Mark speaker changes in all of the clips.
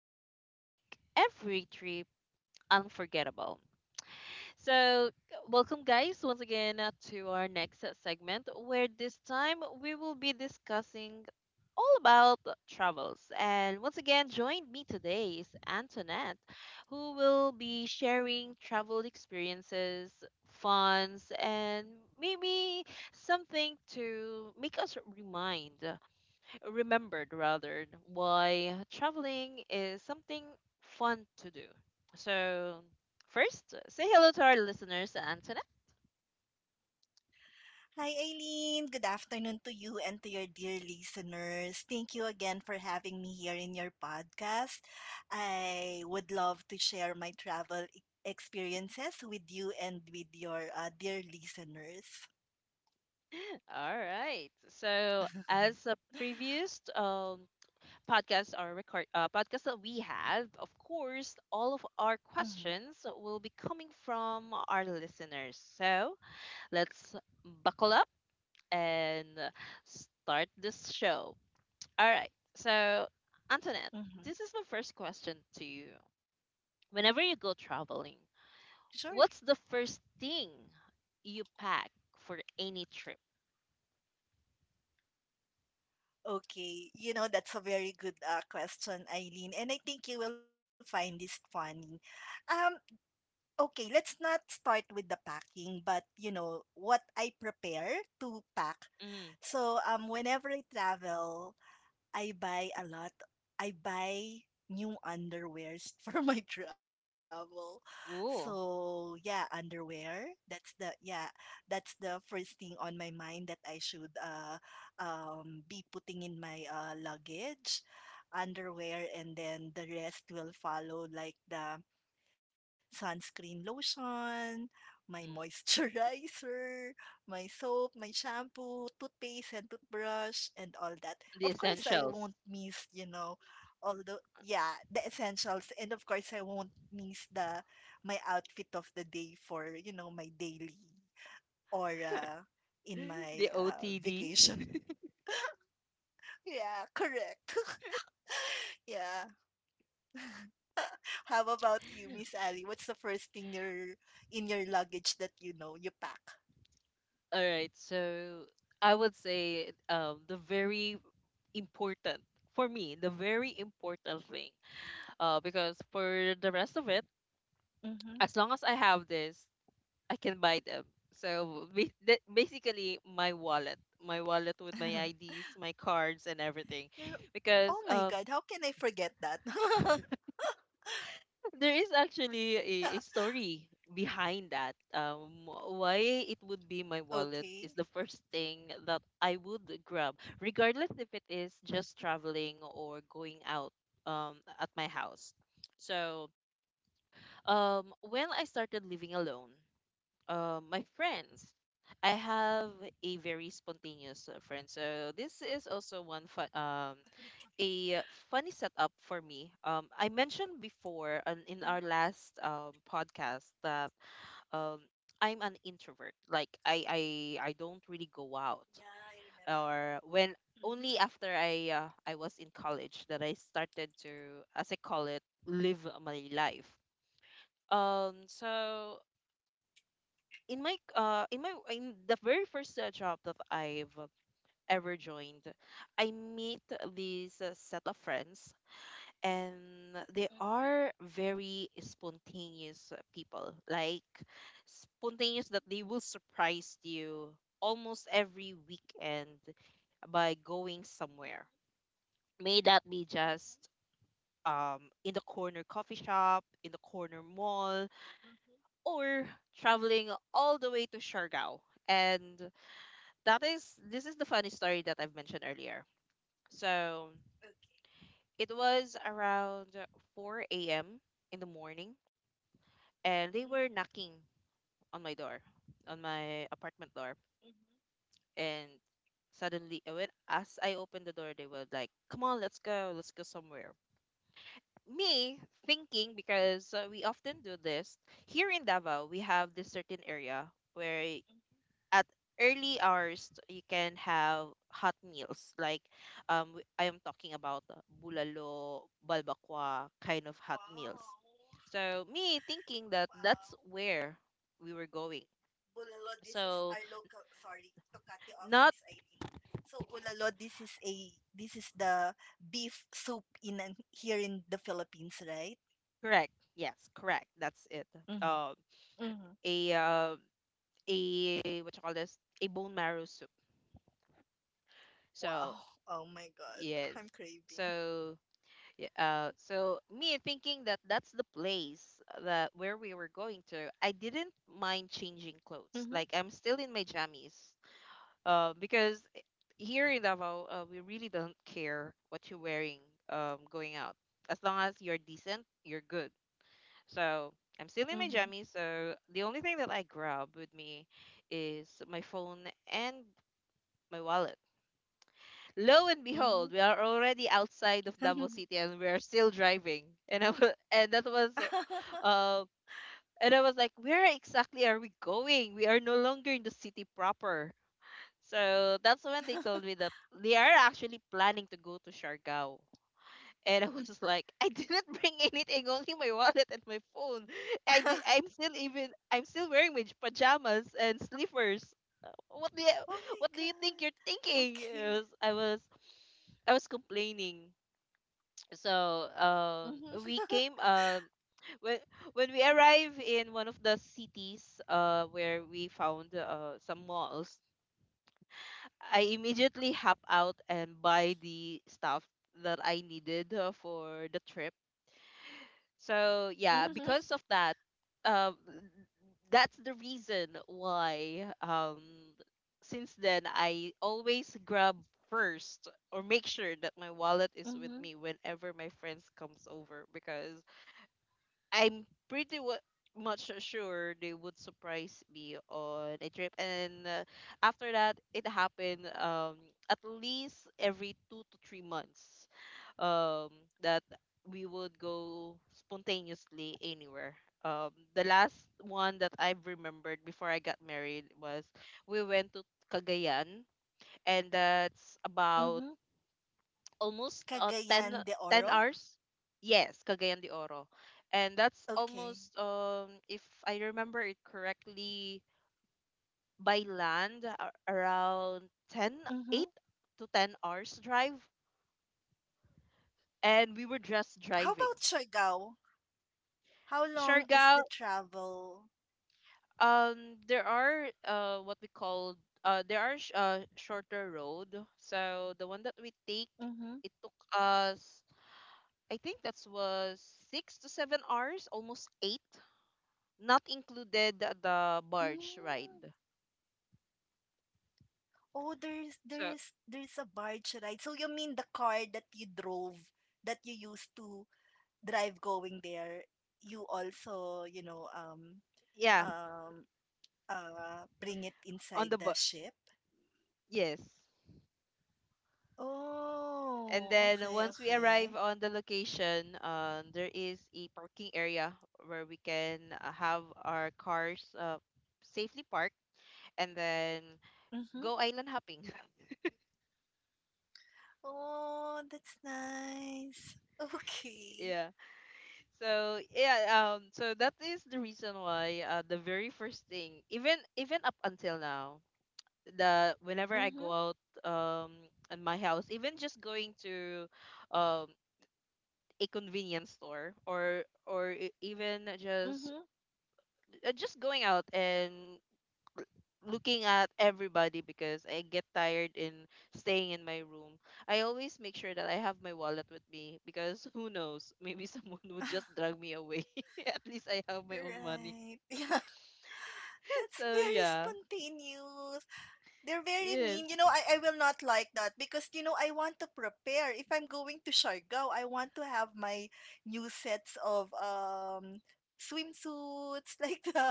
Speaker 1: that make every trip unforgettable. So, welcome, guys, once again to our next segment where this time we will be discussing all about travels. And once again, join me today is Antoinette, who will be sharing travel experiences, funds, and maybe something to make us remind remembered rather why traveling is something fun to do. So, first, say hello to our listeners, Antoinette.
Speaker 2: Hi, Aileen. Good afternoon to you and to your dear listeners. Thank you again for having me here in your podcast. I would love to share my travel experiences with you and with your dear listeners.
Speaker 1: All right. So, as a previous podcast or record podcast that we have, of course, all of our
Speaker 2: Mhm,
Speaker 1: questions will be coming from our listeners. So, let's buckle up and start this show. All right. So, Antoinette, this is my
Speaker 2: mhm.
Speaker 1: first question to you. Whenever you go traveling,
Speaker 2: Sure.
Speaker 1: what's the first thing you pack for any trip?
Speaker 2: Okay. You know, that's a very good question, Eileen, and I think you will find this funny. Um, okay, let's not start with the packing, but you know, what I prepare to pack.
Speaker 1: Mm.
Speaker 2: So whenever I travel, I buy a lot. I buy new underwears for my travel.
Speaker 1: Ooh.
Speaker 2: So yeah, underwear. That's the yeah, that's the first thing on my mind that I should be putting in my luggage. Underwear, and then the rest will follow, like the sunscreen lotion, my
Speaker 1: Mm.
Speaker 2: moisturizer, my soap, my shampoo, toothpaste and toothbrush, and all that.
Speaker 1: The
Speaker 2: Of course, I
Speaker 1: essentials.
Speaker 2: won't miss, you know, the essentials, and of course I won't miss the my outfit of the day for, you know, my daily or in
Speaker 1: The
Speaker 2: my
Speaker 1: OTD.
Speaker 2: vacation. Yeah, correct. Yeah. How about you, Miss Ali? What's the first thing your in your luggage that you know you pack?
Speaker 1: All right. So, I would say, the very important for me, the very important thing. Because for the rest of it,
Speaker 2: Mm-hmm.
Speaker 1: as long as I have this, I can buy them. So, basically, my wallet with my IDs, my cards, and everything,
Speaker 2: You're, oh
Speaker 1: because,
Speaker 2: my god, how can I forget that? Okay.
Speaker 1: there is actually a story behind that. Why it would be my wallet is the first thing that I would grab, regardless if it is just traveling or going out, at my house. So when I started living alone. My friends. I have a very spontaneous friend, so this is also one fun, a funny setup for me. I mentioned before in our
Speaker 2: Mhm.
Speaker 1: last podcast that, um, I'm an introvert. Like I don't really go out,
Speaker 2: Yeah, I remember.
Speaker 1: or when only
Speaker 2: Hmm.
Speaker 1: after I was in college that I started to, as I call it, live my life. So in the very first job that I've ever joined, I meet this set of friends and they are very spontaneous people. Like spontaneous that they will surprise you almost every weekend by going somewhere. May that be just in the corner coffee shop, in the corner mall, or traveling all the way to Siargao, and that is this is the funny story that I've mentioned earlier. So it was around 4 a.m. in the morning,
Speaker 2: Okay.
Speaker 1: and they were knocking on my door, on my apartment door, and suddenly, when as I opened the door, they were like, "Come on, let's go somewhere." Me thinking, because, we often do this here in Davao. We have this certain area where at early hours you can have hot meals, like, I am talking about, bulalo, balbakwa kind of hot meals.
Speaker 2: Wow.
Speaker 1: So me thinking that that's
Speaker 2: Wow.
Speaker 1: where we were going.
Speaker 2: Bulalo,
Speaker 1: So
Speaker 2: this is our local, sorry to cut
Speaker 1: not
Speaker 2: you off, Miss Eileen. So bulalo, this is the beef soup in here in the Philippines, right?
Speaker 1: correct. Yes, correct. That's it. Um,
Speaker 2: Mhm.
Speaker 1: a
Speaker 2: Mhm.
Speaker 1: uh, a What you call this? A bone marrow soup. So
Speaker 2: Wow. Oh my
Speaker 1: yes.
Speaker 2: god. I'm
Speaker 1: So
Speaker 2: craving.
Speaker 1: yeah, me thinking that that's the place, that where we were going to, I didn't mind changing clothes.
Speaker 2: Mhm.
Speaker 1: Like I'm still in my jammies, because, here in Davao, we really don't care what you're wearing, going out. As long as you're decent, you're good. So I'm still in my jammies.
Speaker 2: Mhm.
Speaker 1: So the only thing that I grab with me is my phone and my wallet. Lo and behold, we are
Speaker 2: Mhm.
Speaker 1: already outside of Davao City and
Speaker 2: Mhm.
Speaker 1: we are still driving. And I was, uh, and I was like, where exactly are we going? We are no longer in the city proper. So that's when they told me that they are actually planning to go to Siargao. And I was, just like, I didn't bring anything, only my wallet and my phone. I did, I'm still even I'm still wearing my pajamas and slippers. What do
Speaker 2: Oh
Speaker 1: you,
Speaker 2: my
Speaker 1: what do you
Speaker 2: god.
Speaker 1: think you're thinking?
Speaker 2: Okay.
Speaker 1: I was complaining. So
Speaker 2: Mhm.
Speaker 1: we came, when when we arrive in one of the cities, where we found some malls. I immediately hop out and buy the stuff that I needed, for the trip. So yeah,
Speaker 2: Mhm.
Speaker 1: because of that, um that's the reason why, since then I always grab first or make sure that my wallet is with
Speaker 2: Mhm.
Speaker 1: me whenever my friends comes over, because I'm pretty much sure they would surprise me on a trip. And, after that, it happened, at least every 2 to 3 months, um, that we would go spontaneously anywhere. The last one that I've remembered before I got married was we went to Cagayan, and that's about
Speaker 2: Mhm.
Speaker 1: almost, ten
Speaker 2: Cagayan de
Speaker 1: ten
Speaker 2: Oro?
Speaker 1: hours. Yes, Cagayan de Oro. And that's
Speaker 2: Okay.
Speaker 1: almost, if I remember it correctly, by land, around 10
Speaker 2: Mhm.
Speaker 1: 8 to 10 hours drive. And we were just
Speaker 2: How
Speaker 1: driving.
Speaker 2: about Siargao? How long is
Speaker 1: Siargao,
Speaker 2: the travel?
Speaker 1: there are, what we call, shorter road. So the one that we take,
Speaker 2: Mhm.
Speaker 1: it took us, I think that was 6 to 7 hours, almost 8, not included the barge ride.
Speaker 2: Mm. Oh, there's
Speaker 1: So
Speaker 2: there's there's a barge ride. So you mean the car that you drove that you used to drive going there, you also, you know,
Speaker 1: yeah,
Speaker 2: um, bring it
Speaker 1: on the bu-
Speaker 2: inside the ship.
Speaker 1: yes. And then
Speaker 2: Oh,
Speaker 1: once we
Speaker 2: okay,
Speaker 1: arrive on the
Speaker 2: okay.
Speaker 1: location, there is a parking area where we can, have our cars, safely parked, and then go
Speaker 2: Mm-hmm.
Speaker 1: island hopping.
Speaker 2: Oh, that's nice.
Speaker 1: Yeah.
Speaker 2: Okay.
Speaker 1: So yeah, so that is the reason why, the very first thing, even up until now, the whenever I go
Speaker 2: Mm-hmm.
Speaker 1: out, um at my house, even just going to, um a convenience store, or even
Speaker 2: Mm-hmm.
Speaker 1: just, going out and looking at everybody because I get tired in staying in my room. I always make sure that I have my wallet with me because who knows, maybe someone would just drag me away. At least I have my own money.
Speaker 2: Right. Yeah. That's
Speaker 1: So
Speaker 2: very
Speaker 1: yeah.
Speaker 2: spontaneous. They're very
Speaker 1: Yes.
Speaker 2: mean. You know, I will not like that because, you know, I want to prepare. If I'm going to Siargao, I want to have my new sets of swimsuits like that.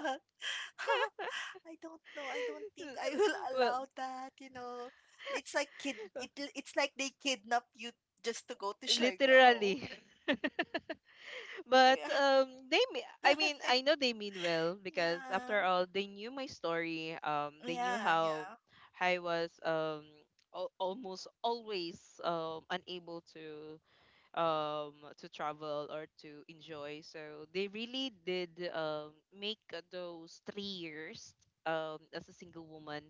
Speaker 2: I don't know. I don't think I will
Speaker 1: Well,
Speaker 2: allow that, you know. It's like kid it it's like they kidnap you just to go to Siargao.
Speaker 1: literally. But,
Speaker 2: Yeah.
Speaker 1: I mean, I know they mean
Speaker 2: Yeah.
Speaker 1: well because after all they knew my story.
Speaker 2: Yeah, yeah.
Speaker 1: They knew how I was, almost always, unable to, travel or to enjoy. So they really did, make those 3 years, as a single woman,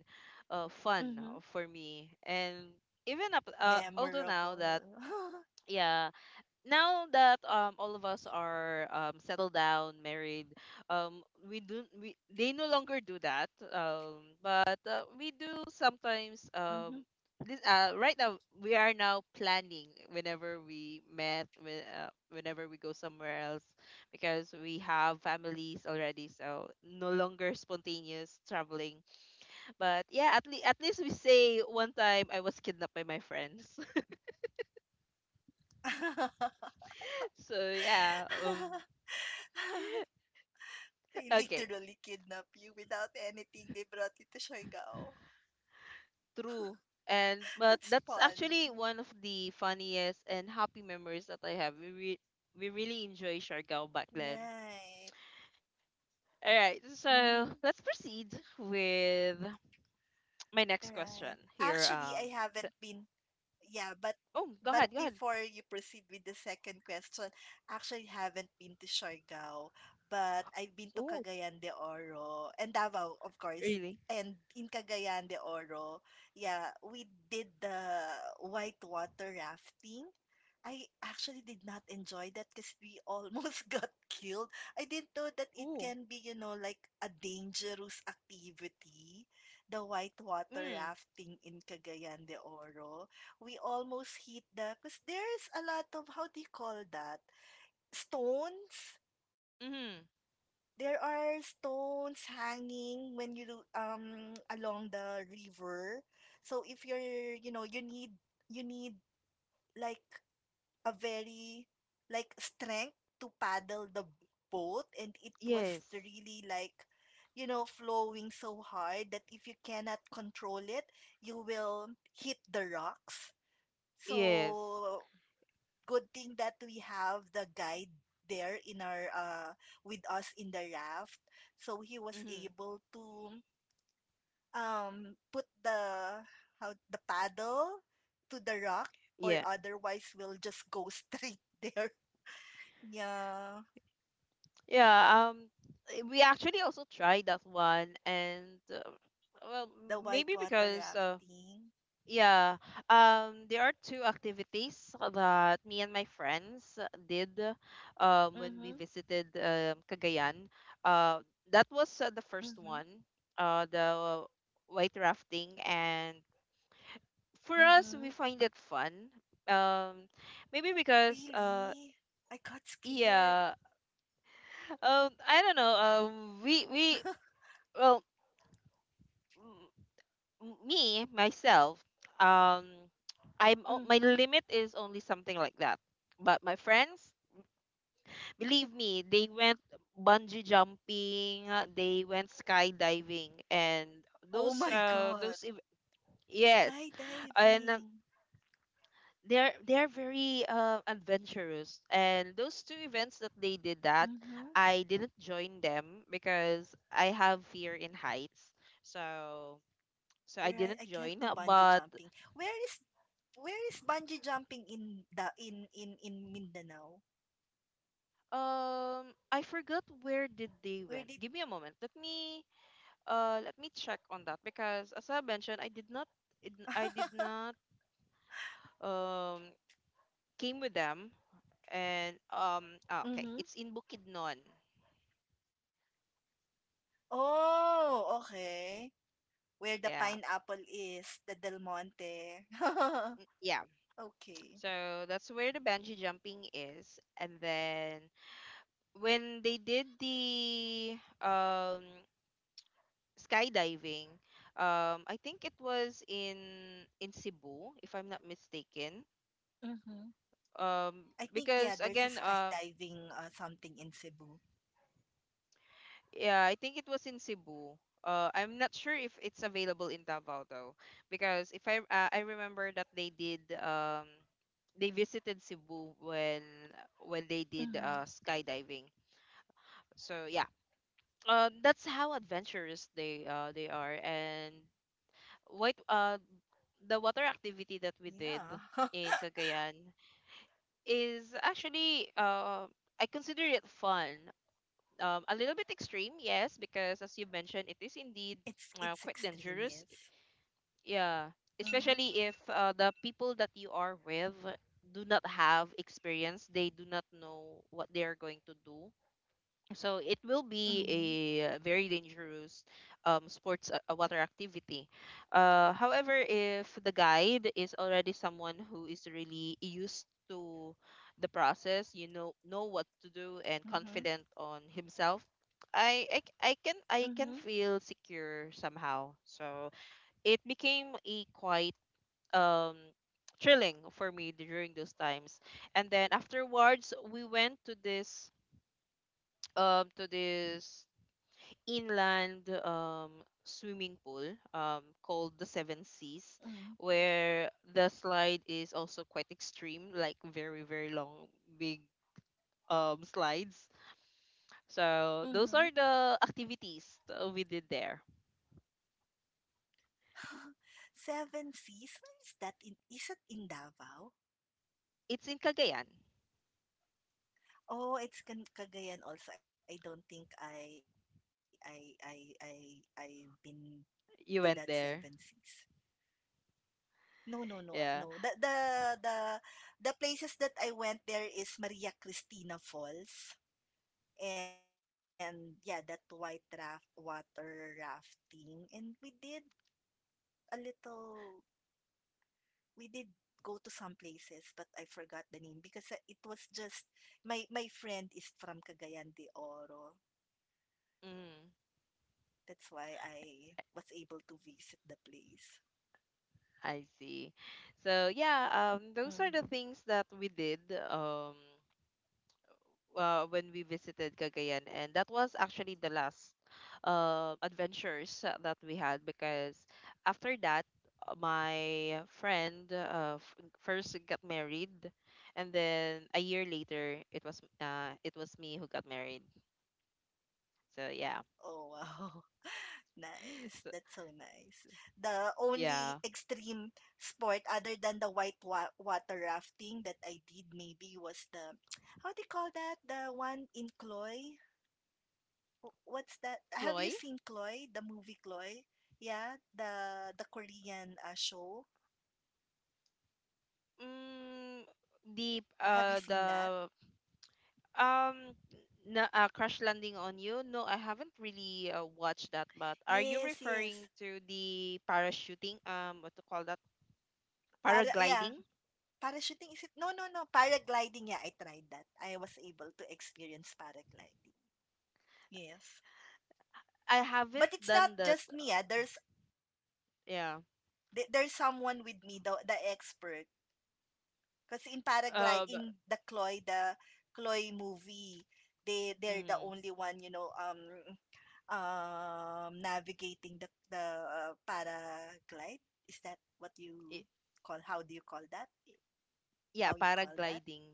Speaker 2: Mm-hmm.
Speaker 1: fun for me. And even up
Speaker 2: Memorable.
Speaker 1: although now that, yeah, now that, all of us are, settled down, married, um we do we they no longer do that. But, we do sometimes,
Speaker 2: Mm-hmm.
Speaker 1: this right now we are now planning, whenever whenever we go somewhere else, because we have families already, so no longer spontaneous traveling. But yeah, at least we say, one time I was kidnapped by my friends. So yeah,
Speaker 2: They
Speaker 1: okay.
Speaker 2: literally kidnap you without anything. They brought you to Siargao.
Speaker 1: True. And but
Speaker 2: That's
Speaker 1: that's
Speaker 2: funny.
Speaker 1: actually one of the funniest and happy memories that I have. We really enjoy Siargao back then.
Speaker 2: Right.
Speaker 1: All right, so
Speaker 2: Mm-hmm.
Speaker 1: let's proceed with my next question
Speaker 2: Right.
Speaker 1: here.
Speaker 2: Actually, I
Speaker 1: Th-
Speaker 2: haven't been yeah, but
Speaker 1: oh, go ahead, go
Speaker 2: but
Speaker 1: ahead.
Speaker 2: before you proceed with the second question, actually haven't been to Siargao, but I've been
Speaker 1: Oh,
Speaker 2: to Cagayan de Oro and Davao, of
Speaker 1: really?
Speaker 2: course. And in Cagayan de Oro, yeah, we did the white water rafting. I actually did not enjoy that because we almost got killed. I didn't know that
Speaker 1: Oh,
Speaker 2: it can be, you know, like a dangerous activity. The white
Speaker 1: mm,
Speaker 2: water rafting in Cagayan de Oro, we almost hit the, because there's a lot of, how do you call that, stones.
Speaker 1: mm-hmm.
Speaker 2: There are stones hanging when you do, along the river. So if you're, you know, you need like a very like strength to paddle the boat, and it
Speaker 1: Yes,
Speaker 2: was really like, you know, flowing so hard that if you cannot control it, you will hit the rocks.
Speaker 1: yes,
Speaker 2: So, good thing that we have the guide there in our with us in the raft. So
Speaker 1: mm-hmm.
Speaker 2: he was able to put the how the paddle to the
Speaker 1: Yeah,
Speaker 2: rock, or otherwise we'll just go straight there. Yeah.
Speaker 1: yeah. We actually also tried that one, and, well, maybe
Speaker 2: The
Speaker 1: because,
Speaker 2: whitewater rafting.
Speaker 1: yeah. There are two activities that me and my friends did, when we visited,
Speaker 2: Mm-hmm.
Speaker 1: Cagayan. Uh, that was, the first one,
Speaker 2: Mm-hmm.
Speaker 1: the white rafting. And for us, we find it
Speaker 2: Mm-hmm.
Speaker 1: fun. Um, Maybe because,
Speaker 2: Really? I got
Speaker 1: yeah,
Speaker 2: scared.
Speaker 1: I don't know. Well, me myself, um my limit is
Speaker 2: Mm-hmm.
Speaker 1: only something like that, but my friends, believe me, they went bungee jumping, they went skydiving, and
Speaker 2: Oh my
Speaker 1: those uh
Speaker 2: god.
Speaker 1: those ev- yes, and,
Speaker 2: Skydiving.
Speaker 1: they're very, adventurous, and those two events that they did, that I
Speaker 2: Mm-hmm.
Speaker 1: didn't join them because I have fear in heights. So so I didn't join,
Speaker 2: Right, I can't
Speaker 1: but,
Speaker 2: do bungee jumping. Where is, where is bungee jumping in the in Mindanao?
Speaker 1: I forgot where did they went. Give me a
Speaker 2: Where
Speaker 1: moment.
Speaker 2: did
Speaker 1: Let me check on that because, as I mentioned, I did not, um came with them. And okay, it's in
Speaker 2: Mm-hmm.
Speaker 1: Bukidnon.
Speaker 2: Oh, okay. Where the
Speaker 1: Yeah.
Speaker 2: pineapple is, the Del Monte.
Speaker 1: Mm, yeah. So
Speaker 2: Okay.
Speaker 1: that's where the bungee jumping is. And then when they did the, skydiving, I think it was in Cebu, if I'm not mistaken,
Speaker 2: Mm-hmm.
Speaker 1: um because
Speaker 2: I
Speaker 1: again,
Speaker 2: think yeah, there's a skydiving something in Cebu.
Speaker 1: yeah, I think it was in Cebu. I'm not sure if it's available in Davao, though, because if I I remember that they did, they visited Cebu when they did,
Speaker 2: Mm-hmm.
Speaker 1: skydiving. So yeah, that's how adventurous they are. And what the water activity that we did
Speaker 2: Yeah.
Speaker 1: in Cagayan is actually, I consider it fun, a little bit extreme, yes, because as you mentioned, it is indeed, quite
Speaker 2: It's
Speaker 1: dangerous.
Speaker 2: extreme, yes.
Speaker 1: Yeah, especially if,
Speaker 2: Mm-hmm.
Speaker 1: the people that you are with do not have experience, they do not know what they are going to do. So it will be a
Speaker 2: Mm-hmm.
Speaker 1: very dangerous sports water activity. However, if the guide is already someone who is really used to the process, you know what to do and confident on
Speaker 2: Mm-hmm.
Speaker 1: himself, I can feel
Speaker 2: Mm-hmm.
Speaker 1: secure somehow. So it became a quite um thrilling for me during those times. And then afterwards, we went to this um to this inland swimming pool called the Seven Seas, where the slide is also quite extreme, like very, very long, big slides. So those are the
Speaker 2: Mm-hmm.
Speaker 1: activities that we did there.
Speaker 2: Seven Seas? Where is that, in is it in Davao?
Speaker 1: It's in Cagayan.
Speaker 2: Oh, it's in Cagayan also. I don't think I've been
Speaker 1: You
Speaker 2: to
Speaker 1: went
Speaker 2: that
Speaker 1: there.
Speaker 2: Seven Seas. No, no, no,
Speaker 1: Yeah.
Speaker 2: no. The the places that I went there is Maria Cristina Falls, and yeah, that white raft water rafting, and we did a little we did go to some places, but I forgot the name because it was just my friend is from Cagayan de Oro.
Speaker 1: Mm,
Speaker 2: That's why I was able to visit the place.
Speaker 1: I see. So yeah, those are the things
Speaker 2: Mhm.
Speaker 1: that we did. Um, when we visited Cagayan, and that was actually the last adventures that we had because after that, my friend first got married, and then a year later, it was me who got married. So yeah,
Speaker 2: Oh wow. Nice.
Speaker 1: so,
Speaker 2: That's so nice. The only
Speaker 1: yeah,
Speaker 2: extreme sport other than the white wa water rafting that I did maybe was the how do you call that? The one in Cloy? What's that?
Speaker 1: Chloe.
Speaker 2: Have you seen Chloe, the movie Chloe? Yeah, the Korean show.
Speaker 1: Mm, the uh
Speaker 2: Have you seen
Speaker 1: the
Speaker 2: that?
Speaker 1: Um, Crash Landing on You? No, I haven't really watched that. But
Speaker 2: Yes,
Speaker 1: are you
Speaker 2: yes.
Speaker 1: referring to the parachuting? What to call that?
Speaker 2: Para yeah,
Speaker 1: Paragliding?
Speaker 2: parachuting is it? No, no, no. Paragliding. Yeah, I tried that. I was able to experience paragliding. Yes.
Speaker 1: I haven't
Speaker 2: But it's not
Speaker 1: done that.
Speaker 2: just me. Ah.
Speaker 1: Yeah.
Speaker 2: There's someone with me, the expert. Because in paraglide
Speaker 1: But,
Speaker 2: in the Chloe movie, they they're the
Speaker 1: mm,
Speaker 2: only one, you know, navigating the paraglide. Is that what
Speaker 1: y-
Speaker 2: you call? How do you call that?
Speaker 1: y- Yeah,
Speaker 2: How you call that?
Speaker 1: paragliding.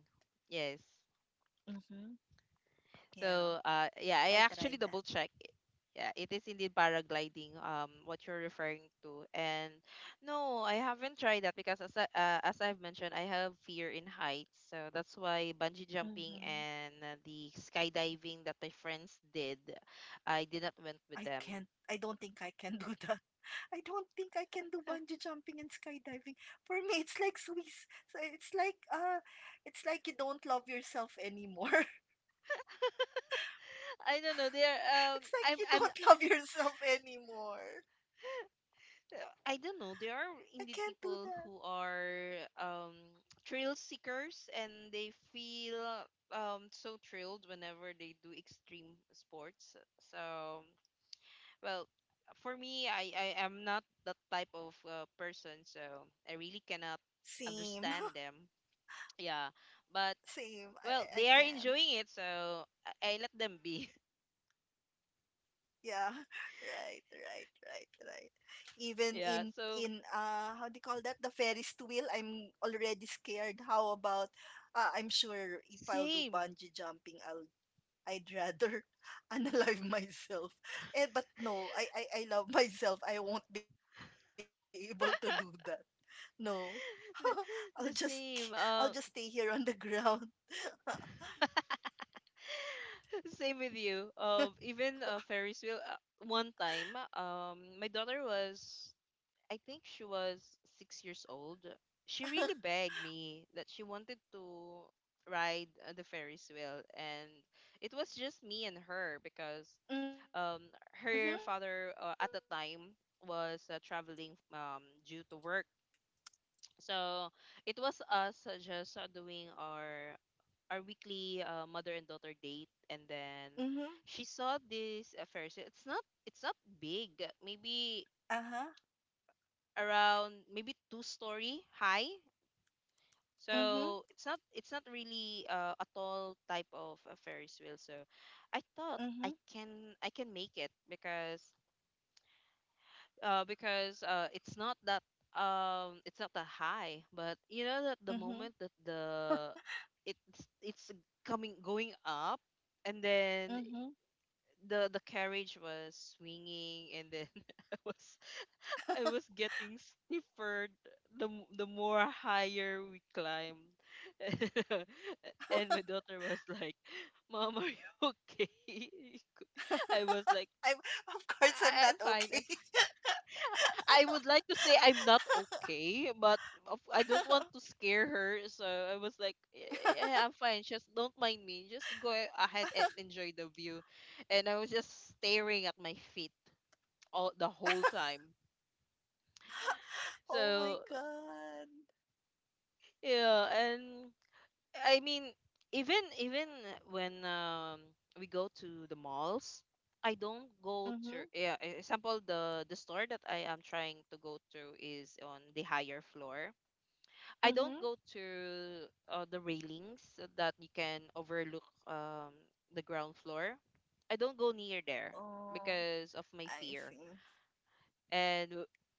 Speaker 1: Yes.
Speaker 2: Mm-hmm.
Speaker 1: So
Speaker 2: Yeah,
Speaker 1: yeah, I
Speaker 2: I
Speaker 1: actually
Speaker 2: tried
Speaker 1: double
Speaker 2: that.
Speaker 1: check. Yeah, it is indeed paragliding. What you're referring to, and no, I haven't tried that because as I've mentioned, I have fear in heights. So that's why bungee jumping and
Speaker 2: Mm-hmm.
Speaker 1: the skydiving that my friends did, I did not went with
Speaker 2: I
Speaker 1: them.
Speaker 2: can't. I don't think I can do that. I don't think I can do bungee jumping and skydiving. For me, it's like Swiss. So it's like you don't love yourself anymore.
Speaker 1: I don't know. They're
Speaker 2: It's like you
Speaker 1: I'm
Speaker 2: don't love yourself anymore.
Speaker 1: I don't know. There are
Speaker 2: I
Speaker 1: indeed
Speaker 2: can't do
Speaker 1: people
Speaker 2: that.
Speaker 1: who are thrill seekers and they feel so thrilled whenever they do extreme sports. So, well, for me, I am not that type of person, so I really cannot
Speaker 2: Same,
Speaker 1: understand them. Yeah, but
Speaker 2: same.
Speaker 1: well, they
Speaker 2: I
Speaker 1: are
Speaker 2: can.
Speaker 1: enjoying it, so I let them be.
Speaker 2: Yeah, right, right, right, right. Even in
Speaker 1: yeah,
Speaker 2: in
Speaker 1: so
Speaker 2: how do you call that? The Ferris wheel, I'm already scared. How about I'm sure if I'll do
Speaker 1: same
Speaker 2: bungee jumping, I'll, I'd rather unalive myself. Eh, but no, I I love myself. I won't be able to do that. No.
Speaker 1: the
Speaker 2: I'll
Speaker 1: the
Speaker 2: just stay here on the
Speaker 1: same.
Speaker 2: ground.
Speaker 1: Same with you. Even Ferris wheel. One time, my daughter was, I think she was 6 years old. She really begged
Speaker 2: Mhm.
Speaker 1: me that she wanted to ride the Ferris wheel, and it was just me and her because um, her father at the time was traveling due to work. So
Speaker 2: Mhm.
Speaker 1: it was us just doing our weekly mother and daughter date, and then she
Speaker 2: Mhm.
Speaker 1: saw this Ferris wheel. It's not big. Maybe
Speaker 2: Uh-huh.
Speaker 1: around maybe two-story high.
Speaker 2: Mhm.
Speaker 1: So it's not really a tall type of a Ferris wheel. So I thought
Speaker 2: Mhm.
Speaker 1: I can make it because uh, because uh, it's not that it's not that high. But you know that the
Speaker 2: Mhm.
Speaker 1: moment that the it's it's coming going up and then
Speaker 2: Mhm.
Speaker 1: the carriage was swinging and then I was I was getting stiffer the more higher we climbed. And my daughter was like, mom, are you okay? I was like,
Speaker 2: I'm, of course I'm not
Speaker 1: I'm fine,
Speaker 2: okay.
Speaker 1: I'm fine. I would like to say I'm not okay, but I don't want to scare her, so I was like, yeah, yeah, I'm fine, just don't mind me, just go ahead and enjoy the view. And I was just staring at my feet all the whole time.
Speaker 2: Oh my
Speaker 1: So
Speaker 2: god.
Speaker 1: yeah, and I mean, even when we go to the malls, I don't go
Speaker 2: Mhm.
Speaker 1: to yeah. Example, the store that I am trying to go to is on the higher floor. I don't
Speaker 2: Mhm.
Speaker 1: go to the railings so that you can overlook the ground floor. I don't go near there
Speaker 2: Oh,
Speaker 1: because of my
Speaker 2: I
Speaker 1: fear,
Speaker 2: see.
Speaker 1: and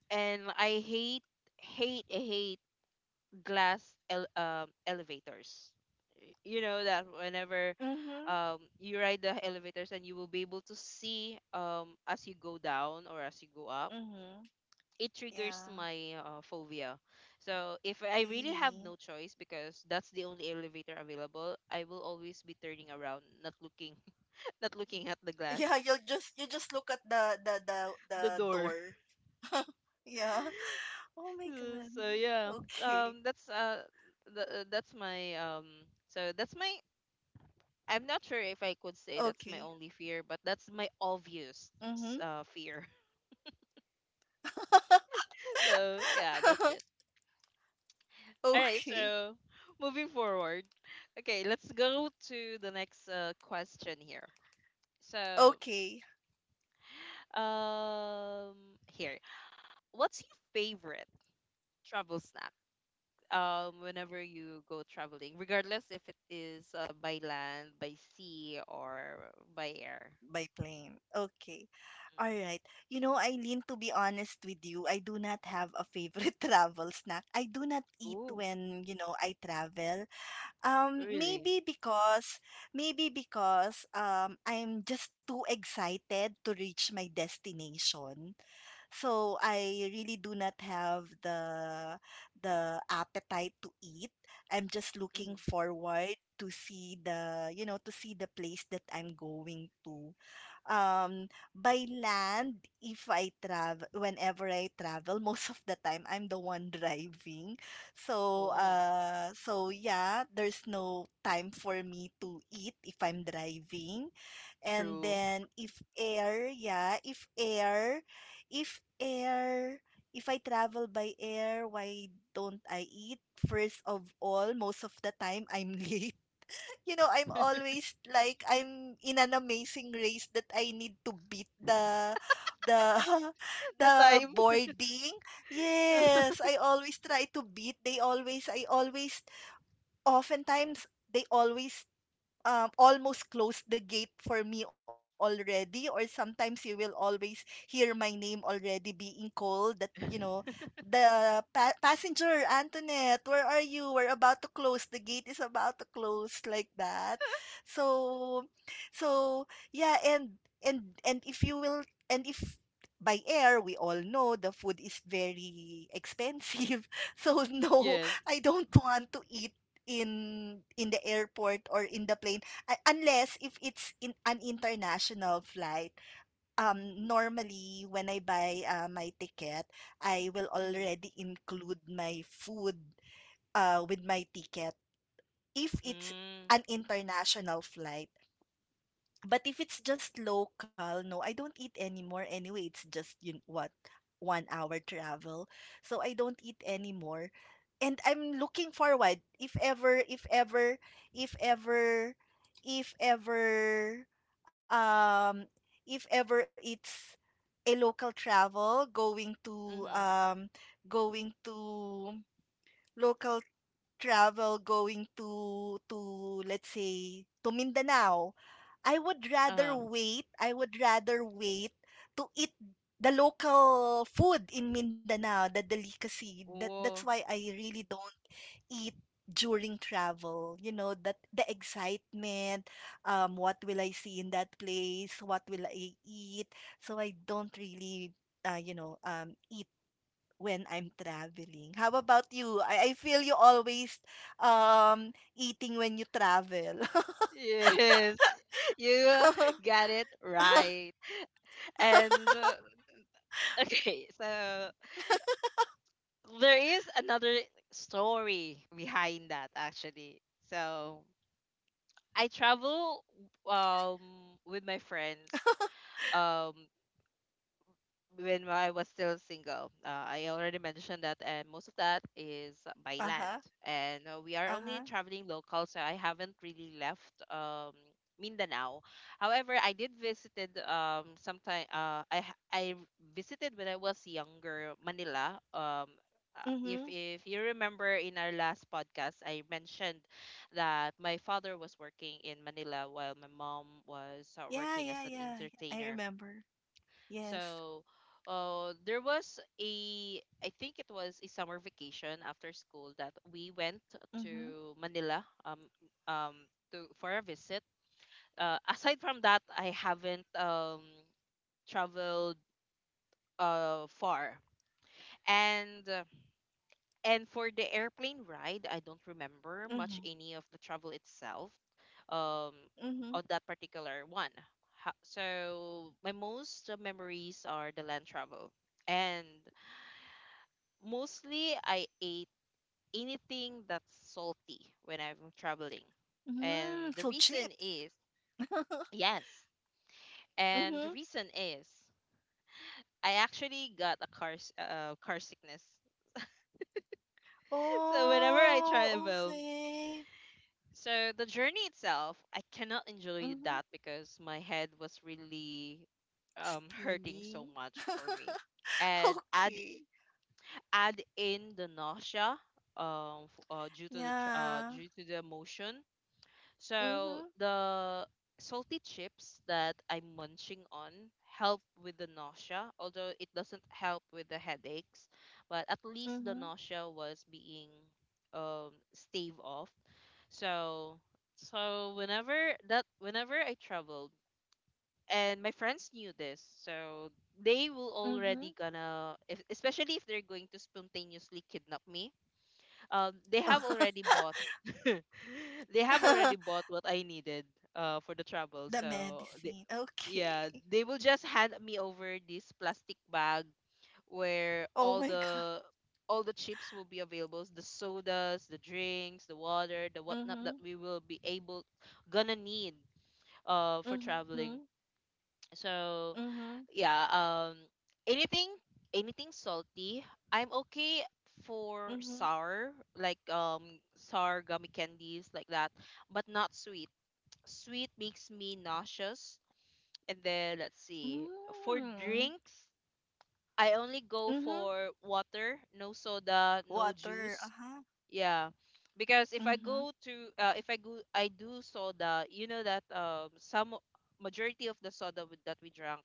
Speaker 1: I hate, hate glass elevators. You know that whenever
Speaker 2: Mhm.
Speaker 1: you ride the elevators and you will be able to see as you go down or as you go up,
Speaker 2: Mhm.
Speaker 1: it triggers my
Speaker 2: Yeah,
Speaker 1: phobia. So if I really have no
Speaker 2: really.
Speaker 1: choice because that's the only elevator available, I will always be turning around, not looking, not looking at the glass,
Speaker 2: Yeah, you'll just you just look at the
Speaker 1: the
Speaker 2: the
Speaker 1: door.
Speaker 2: door. Yeah. Oh my god.
Speaker 1: So yeah,
Speaker 2: Okay.
Speaker 1: that's that's my that's my, I'm not sure if I could say that's my
Speaker 2: Okay.
Speaker 1: only fear, but that's my obvious
Speaker 2: Mhm.
Speaker 1: fear. So yeah, that's it. All right,
Speaker 2: Okay.
Speaker 1: so moving forward. Okay, let's go to the next question here. So,
Speaker 2: Okay.
Speaker 1: um, here, what's your favorite travel snack? Whenever you go traveling, regardless if it is by land, by sea, or by air.
Speaker 2: By plane. Okay. All right. You know, Eileen, to be honest with you, I do not have a favorite travel snack. I do not
Speaker 1: Mm.
Speaker 2: eat
Speaker 1: Ooh,
Speaker 2: when, you know, I travel. Um,
Speaker 1: really?
Speaker 2: maybe because, maybe because I'm just too excited to reach my destination. So I really do not have the appetite to eat. I'm just looking
Speaker 1: Hmm
Speaker 2: forward to see the, you know, to see the place that I'm going to. Um, by land, if I travel, whenever I travel, most of the time I'm the one driving. So,
Speaker 1: Oh,
Speaker 2: so yeah, there's no time for me to eat if I'm driving, and
Speaker 1: true.
Speaker 2: then if air, yeah, if air, if I travel by air, why don't I eat? First of all, most of the time I'm late. You know, I'm always like I'm in an amazing race that I need to beat the
Speaker 1: The
Speaker 2: the
Speaker 1: time.
Speaker 2: boarding. Yes, I always try to beat. They always I always oftentimes they always almost closed the gate for me already, or sometimes you will always hear my name already being called, that you know, the passenger Antoinette, where are you, we're about to close the gate, is about to close, like that. So, so yeah, and and if you will and if by air, we all know the food is very expensive. So no,
Speaker 1: Yes.
Speaker 2: I don't want to eat in the airport or in the plane, unless if it's in an international flight. Normally, when I buy my ticket, I will
Speaker 1: Mm-hmm.
Speaker 2: already include my food with my ticket if it's
Speaker 1: Mm,
Speaker 2: an international flight. But if it's just local, no, I don't eat anymore anyway. It's just, you know, what, 1 hour travel, so I don't eat anymore. And I'm looking forward if ever, if ever, if ever, um, if ever it's a local travel going to
Speaker 1: hmm mm
Speaker 2: going to local travel going to, let's say, to Mindanao, I would
Speaker 1: Uh-huh.
Speaker 2: rather wait. I would rather wait to eat the local food in Mindanao, the delicacy. That, that's
Speaker 1: Oh.
Speaker 2: why I really don't eat during travel. You know, that the excitement, what will I see in that place? What will I eat? So I don't really, you know, eat when I'm traveling. How about you? I feel you always um eating when you travel.
Speaker 1: Yes, you got it right. And okay, so there is another story behind that actually. So I travel um with my friends. Um, when I was still single. I already mentioned that, and most of that is by
Speaker 2: Uh-huh.
Speaker 1: land. And we are only
Speaker 2: Uh-huh.
Speaker 1: traveling local, so I haven't really left Mindanao. However, I did visited sometime. I visited when I was younger Manila. If
Speaker 2: Mm-hmm.
Speaker 1: you remember in our last podcast, I mentioned that my father was working in Manila while my mom was
Speaker 2: Yeah,
Speaker 1: working
Speaker 2: yeah,
Speaker 1: as an
Speaker 2: yeah. I
Speaker 1: entertainer,
Speaker 2: remember. Yes.
Speaker 1: so, there was a, I think it was a summer vacation after school that we went
Speaker 2: Mm-hmm.
Speaker 1: to Manila um, to for a visit. Aside from that, I haven't traveled far. And for the airplane ride, I don't remember much
Speaker 2: Mm-hmm.
Speaker 1: any of the travel itself um,
Speaker 2: Mm-hmm.
Speaker 1: on that particular one. So my most memories are the land travel, and mostly, I ate anything that's salty when I'm traveling. And
Speaker 2: Mm,
Speaker 1: the
Speaker 2: so
Speaker 1: reason
Speaker 2: chips.
Speaker 1: is, yes. And the
Speaker 2: Mm-hmm.
Speaker 1: reason is, I actually got a car, car sickness. So whenever I
Speaker 2: Oh,
Speaker 1: travel,
Speaker 2: okay.
Speaker 1: so the journey itself, I cannot enjoy
Speaker 2: Mm-hmm.
Speaker 1: that because my head was really hurting
Speaker 2: Spinning.
Speaker 1: so much for me. And
Speaker 2: Okay.
Speaker 1: add in the nausea,
Speaker 2: Yeah.
Speaker 1: due to the motion. So
Speaker 2: Mm-hmm.
Speaker 1: the salty chips that I'm munching on help with the nausea, although it doesn't help with the headaches, but at least the
Speaker 2: Mm-hmm.
Speaker 1: nausea was being stave off. So whenever I traveled and my friends knew this, so they will already gonna if, especially if they're going to spontaneously kidnap me, they have
Speaker 2: Mm-hmm.
Speaker 1: already bought they have already bought what I needed for the travel.
Speaker 2: the
Speaker 1: So they,
Speaker 2: medicine.
Speaker 1: yeah,
Speaker 2: Okay.
Speaker 1: they will just hand me over this plastic bag where
Speaker 2: Oh
Speaker 1: all
Speaker 2: my God.
Speaker 1: the chips will be available, the sodas, the drinks, the water, the whatnot that
Speaker 2: Mm-hmm.
Speaker 1: we will be able gonna need for
Speaker 2: Mm-hmm.
Speaker 1: traveling. So
Speaker 2: Mm-hmm.
Speaker 1: yeah, anything, salty, I'm okay.
Speaker 2: Mm-hmm.
Speaker 1: For sour, like sour gummy candies, like that, but not sweet. Sweet makes me nauseous. And then let's see, for
Speaker 2: Mm-hmm.
Speaker 1: drinks, I only go
Speaker 2: Mm-hmm.
Speaker 1: for water, no soda, no
Speaker 2: Water.
Speaker 1: juice.
Speaker 2: Uh-huh.
Speaker 1: Yeah, because if I
Speaker 2: Mhm,
Speaker 1: go to if I go I do soda, you know that some majority of the soda that we drank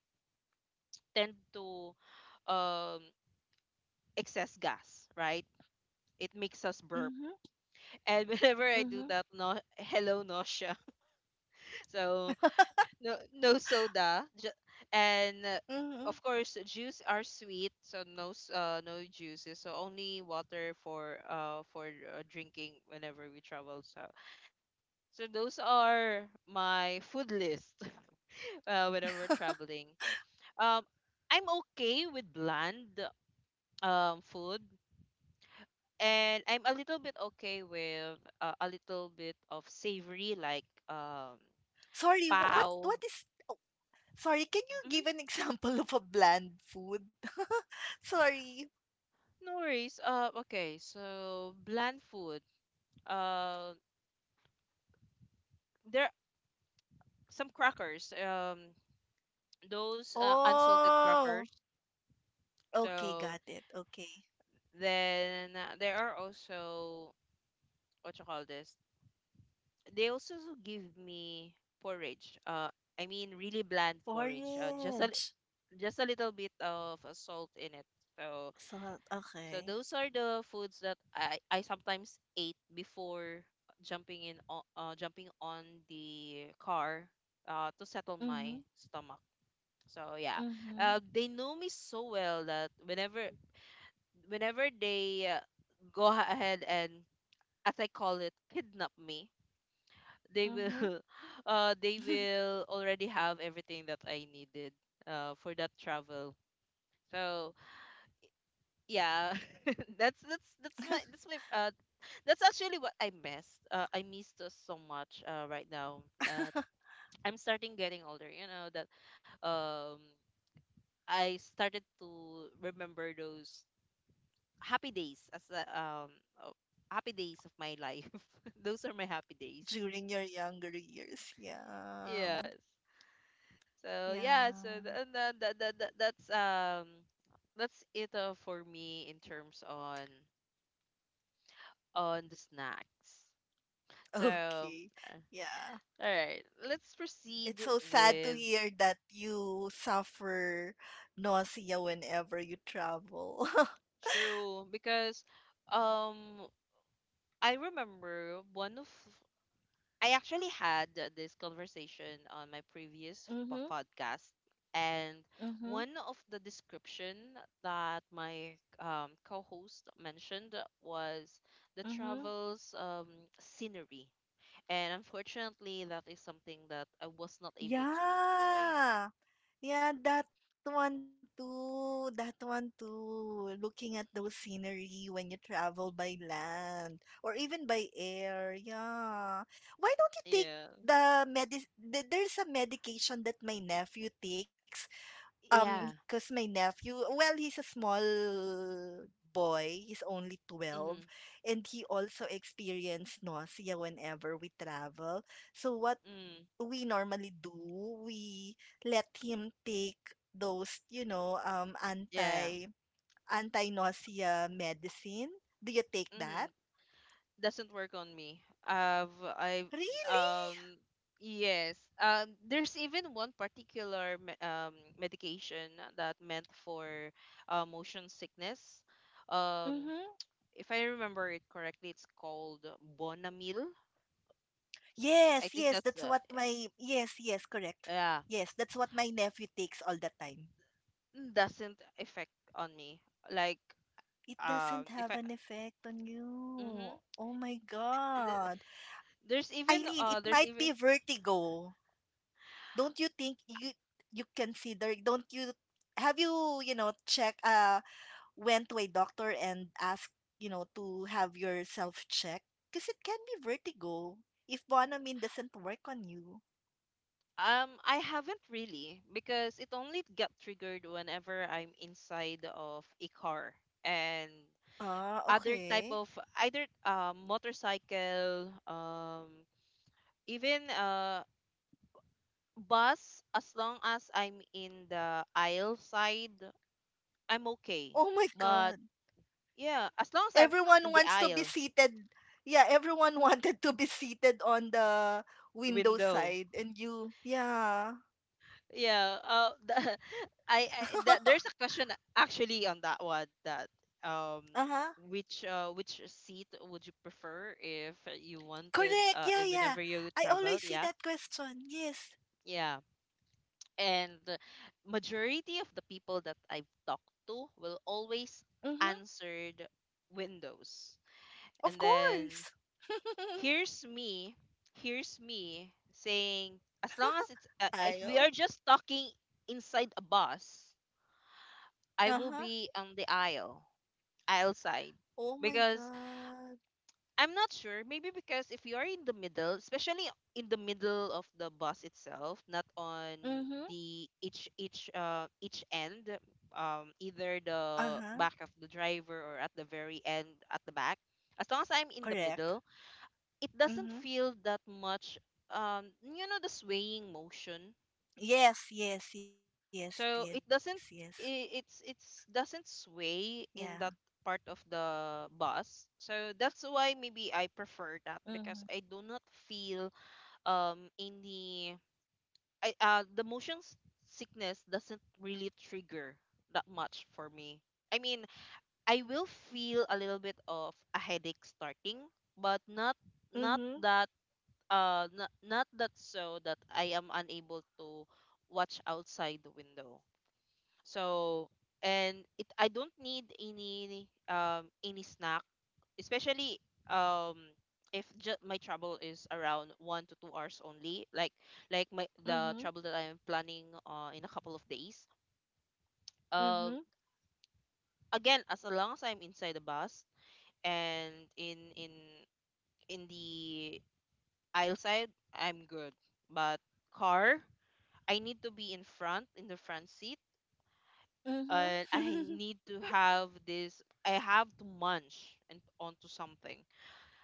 Speaker 1: tend to um, excess gas, right? It makes us burp.
Speaker 2: mhm,
Speaker 1: And whenever I do
Speaker 2: mhm,
Speaker 1: that, no, hello nausea. So no, no soda, ju- and
Speaker 2: mhm.
Speaker 1: of course juice are sweet, so no no juices. So only water for drinking whenever we travel. So so those are my food list whenever traveling. Um, I'm okay with bland food, and I'm a little bit okay with a little bit of savory, like
Speaker 2: Sorry, wh-
Speaker 1: pow.
Speaker 2: what is Sorry, can you
Speaker 1: Hmm
Speaker 2: give an example of a bland food? Sorry.
Speaker 1: No worries. Okay, so bland food. Uh, there are some crackers. Those unsalted
Speaker 2: Oh,
Speaker 1: crackers.
Speaker 2: okay,
Speaker 1: So
Speaker 2: got it. Okay.
Speaker 1: then there are also what you call this. They also give me porridge. I mean really bland porridge.
Speaker 2: Porridge.
Speaker 1: Just a little bit of salt in it. So
Speaker 2: Salt.
Speaker 1: so
Speaker 2: Okay.
Speaker 1: those are the foods that I sometimes ate before jumping in jumping on the car to settle my
Speaker 2: Mm-hmm.
Speaker 1: stomach. So yeah,
Speaker 2: Mm-hmm.
Speaker 1: they know me so well that whenever they go ahead and, as I call it, kidnap me, they will
Speaker 2: Mm-hmm.
Speaker 1: they will already have everything that I needed for that travel. So yeah. that's that's that's my that's my uh that's actually what I missed. I missed us so much right now. I'm starting getting older, you know that. um I started to remember those happy days as a, um uh, happy days of my life. Those are my happy
Speaker 2: During
Speaker 1: days.
Speaker 2: your younger years. Yeah.
Speaker 1: Yes. so yeah so
Speaker 2: Yeah.
Speaker 1: th- and that's it, for me, in terms on the snacks. So,
Speaker 2: Okay.
Speaker 1: uh,
Speaker 2: Yeah.
Speaker 1: all right, let's
Speaker 2: It's
Speaker 1: proceed
Speaker 2: so sad to
Speaker 1: with.
Speaker 2: hear that you suffer nausea whenever you travel.
Speaker 1: True, because um I remember one of I actually had this conversation on my previous
Speaker 2: Mm-hmm.
Speaker 1: podcast, and
Speaker 2: Mm-hmm.
Speaker 1: one of the description that my, co-host mentioned was the
Speaker 2: Mm-hmm.
Speaker 1: travels, scenery, and unfortunately that is something that I was not able to enjoy.
Speaker 2: Yeah. Yeah, that one too. That one too. Looking at those scenery when you travel by land or even by air. Yeah. Why don't you
Speaker 1: Yeah.
Speaker 2: take there's a medication that
Speaker 1: Y-
Speaker 2: my nephew takes.
Speaker 1: Yeah.
Speaker 2: Cause my nephew, well, he's a small boy, he's only
Speaker 1: Mm-hmm.
Speaker 2: 12, and he also experienced nausea whenever we travel. So what
Speaker 1: Mm.
Speaker 2: we normally do, we let him take those, you know,
Speaker 1: Yeah.
Speaker 2: anti anti-nausea medicine. Do you take
Speaker 1: Mm-hmm.
Speaker 2: that?
Speaker 1: Doesn't work on me. I've I...
Speaker 2: Really?
Speaker 1: um yes. There's even one particular, medication that meant for, motion sickness. Um
Speaker 2: Mm-hmm.
Speaker 1: if I remember it correctly, it's called Bonamil. I think that's,
Speaker 2: Yes, yes, correct.
Speaker 1: yeah.
Speaker 2: Yes, that's what my nephew takes all the time.
Speaker 1: Doesn't affect on me. Like,
Speaker 2: It doesn't
Speaker 1: if
Speaker 2: have
Speaker 1: I...
Speaker 2: an effect on you.
Speaker 1: Mhm.
Speaker 2: Oh my
Speaker 1: Th-
Speaker 2: God.
Speaker 1: there's even.
Speaker 2: Eileen, it
Speaker 1: There's
Speaker 2: might
Speaker 1: even.
Speaker 2: be vertigo. Don't you think you you consider don't you Have you, you know, check went to a doctor and asked, you know, to have yourself checked? Because it can be vertigo if Bonamine doesn't work on you.
Speaker 1: I haven't really because it only got triggered whenever I'm inside of a car, and
Speaker 2: Ah,
Speaker 1: other type
Speaker 2: okay.
Speaker 1: of, either, motorcycle, even, bus. As long as I'm in the aisle side, I'm okay.
Speaker 2: Oh my
Speaker 1: But
Speaker 2: God.
Speaker 1: yeah, as long as I'm,
Speaker 2: Everyone
Speaker 1: in the
Speaker 2: wants to be
Speaker 1: aisle,
Speaker 2: seated. Yeah, everyone wanted to be seated on the window
Speaker 1: window.
Speaker 2: side and you, yeah.
Speaker 1: Yeah. I That there's a question actually on that one that, um
Speaker 2: Uh-huh.
Speaker 1: which, which seat would you prefer if you wanted,
Speaker 2: Correct. Yeah,
Speaker 1: if
Speaker 2: yeah.
Speaker 1: whenever you
Speaker 2: I
Speaker 1: traveled?
Speaker 2: always see
Speaker 1: Yeah.
Speaker 2: that question. Yes.
Speaker 1: Yeah. And majority of the people that I've talked to will always
Speaker 2: Mhm.
Speaker 1: answered windows.
Speaker 2: Of
Speaker 1: And then,
Speaker 2: course.
Speaker 1: here's me, here's me saying, as long as it's, if we are
Speaker 2: Ayo.
Speaker 1: just talking inside a bus, I will
Speaker 2: Uh-huh.
Speaker 1: be on the aisle, aisle side.
Speaker 2: Oh my
Speaker 1: Because
Speaker 2: god.
Speaker 1: I'm not sure, maybe because if you're in the middle, especially in the middle of the bus itself, not on
Speaker 2: Mhm.
Speaker 1: the, each end, either
Speaker 2: Uh-huh.
Speaker 1: the back of the driver or at the very end at the back. As long as I'm in the
Speaker 2: Correct.
Speaker 1: middle, it doesn't
Speaker 2: Mhm.
Speaker 1: feel that much, you know, the swaying motion.
Speaker 2: Yes, yes, yes, yes, yes.
Speaker 1: So it doesn't, i-
Speaker 2: Yeah.
Speaker 1: it's it's doesn't sway in that part of
Speaker 2: Mhm.
Speaker 1: the bus. So that's why
Speaker 2: Yeah.
Speaker 1: maybe I prefer that, because I do not feel, any. I The motion, sickness doesn't really trigger that much for me.
Speaker 2: Mhm.
Speaker 1: I mean, I will feel a little bit of a headache starting, but not
Speaker 2: Mhm.
Speaker 1: that, not that, so that I am unable to watch outside the window. So, and it I don't need any, any snack, especially, um if ju- my travel is around 1 to 2 hours only, like, my the
Speaker 2: Mhm.
Speaker 1: travel that I'm planning, in a couple of days. Um
Speaker 2: Mhm.
Speaker 1: Again, as long as I'm inside the bus and in the aisle side, I'm good. But car, I need to be, in the front seat.
Speaker 2: Mhm.
Speaker 1: I need to have this. I have to munch and onto something.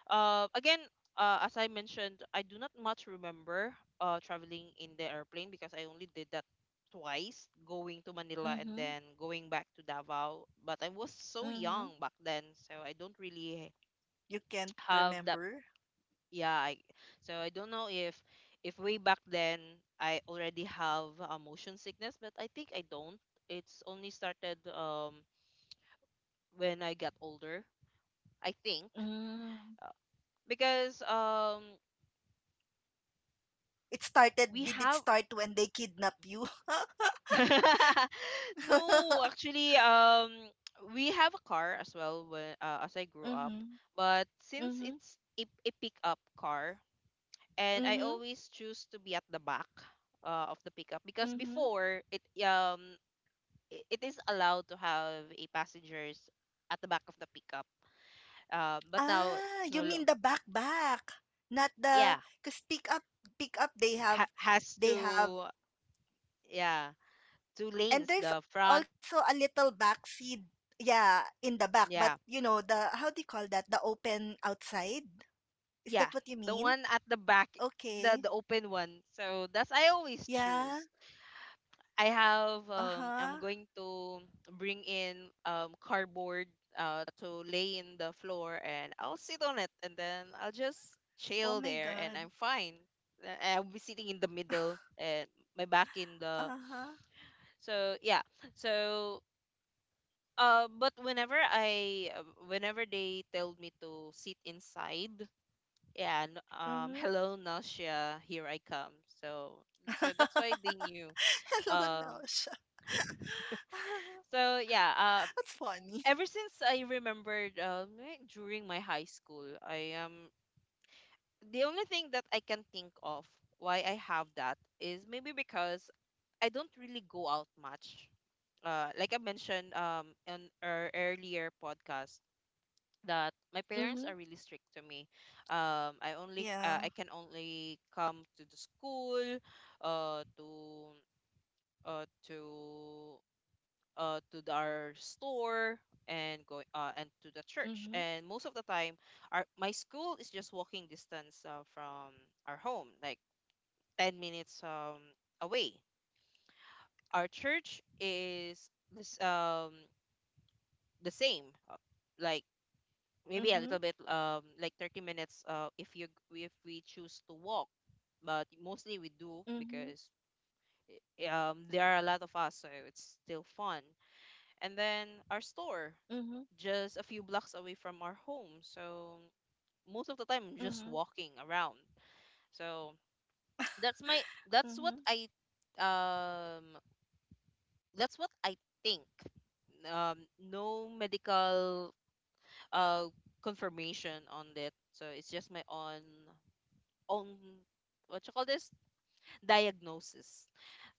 Speaker 1: Again, as I mentioned, I do not much remember, traveling in the airplane because I only did that twice, going to Manila and
Speaker 2: Mhm,
Speaker 1: then going back to Davao. But I was so
Speaker 2: mhm.
Speaker 1: young back then, so I don't really
Speaker 2: You can't
Speaker 1: have that.
Speaker 2: remember?
Speaker 1: Yeah, so I don't know if, way back then I already have a motion sickness, but I think I don't. It's only started, when I got older, I think.
Speaker 2: Mm.
Speaker 1: uh, because,
Speaker 2: It started,
Speaker 1: we
Speaker 2: did it
Speaker 1: have...
Speaker 2: start when they kidnap you?
Speaker 1: No, actually, we have a car as well, when, as I grew up,
Speaker 2: Mhm,
Speaker 1: but since
Speaker 2: mhm,
Speaker 1: it's a pickup car, and I
Speaker 2: mhm,
Speaker 1: always choose to be at the back, of the pickup, because
Speaker 2: mhm.
Speaker 1: before it, it is allowed to have a passengers at the back of the pickup, but now
Speaker 2: Ah,
Speaker 1: it's no
Speaker 2: you
Speaker 1: lo-.
Speaker 2: mean the back back, not the
Speaker 1: Yeah.
Speaker 2: because pick up
Speaker 1: Has
Speaker 2: they have
Speaker 1: to. Yeah, two
Speaker 2: and
Speaker 1: lanes,
Speaker 2: there's
Speaker 1: the
Speaker 2: also a
Speaker 1: front.
Speaker 2: little back seat, yeah, in the back, but you know
Speaker 1: Yeah,
Speaker 2: the how do you call that, the open outside, is that what
Speaker 1: yeah,
Speaker 2: you
Speaker 1: the
Speaker 2: mean?
Speaker 1: one at the back.
Speaker 2: Okay.
Speaker 1: The open one. So that's, I always
Speaker 2: Yeah.
Speaker 1: choose. I have,
Speaker 2: Uh-huh.
Speaker 1: I'm going to bring in, cardboard, to lay in the floor, and I'll sit on it, and then I'll just
Speaker 2: Oh my
Speaker 1: chill there,
Speaker 2: god.
Speaker 1: and I'm fine. I'll be sitting in the middle and my back in the.
Speaker 2: Uh-huh,
Speaker 1: So yeah. so but whenever they told me to sit inside, yeah,
Speaker 2: mhm.
Speaker 1: hello nausea, here I come. so so that's why they knew.
Speaker 2: Hello
Speaker 1: um
Speaker 2: now siya.
Speaker 1: so yeah. um
Speaker 2: That's funny.
Speaker 1: Ever since I remembered, during my high school I am... the only thing that I can think of why I have that is maybe because I don't really go out much, like I mentioned, in our earlier podcast, that my parents
Speaker 2: Mhm.
Speaker 1: are really strict to me. I only, I
Speaker 2: Yeah.
Speaker 1: can only come to the school, uh, to uh, to our store, and go, and to the church.
Speaker 2: Mhm.
Speaker 1: And most of the time, our my school is just walking distance, from our home, like 10 minutes, away. Our church is, this the same, uh, like maybe a little
Speaker 2: Mhm.
Speaker 1: bit, like 30 minutes, if you, if we choose to walk, but mostly we do because,
Speaker 2: Mhm.
Speaker 1: there are a lot of us, so it's still fun. And then our store,
Speaker 2: Mhm.
Speaker 1: just a few blocks away from our home, so most of the time I'm just
Speaker 2: Mhm.
Speaker 1: walking around. So that's my that's what
Speaker 2: Mhm.
Speaker 1: I, um that's what I think. No medical, uh confirmation on that, so it's just my own, what you call this, diagnosis.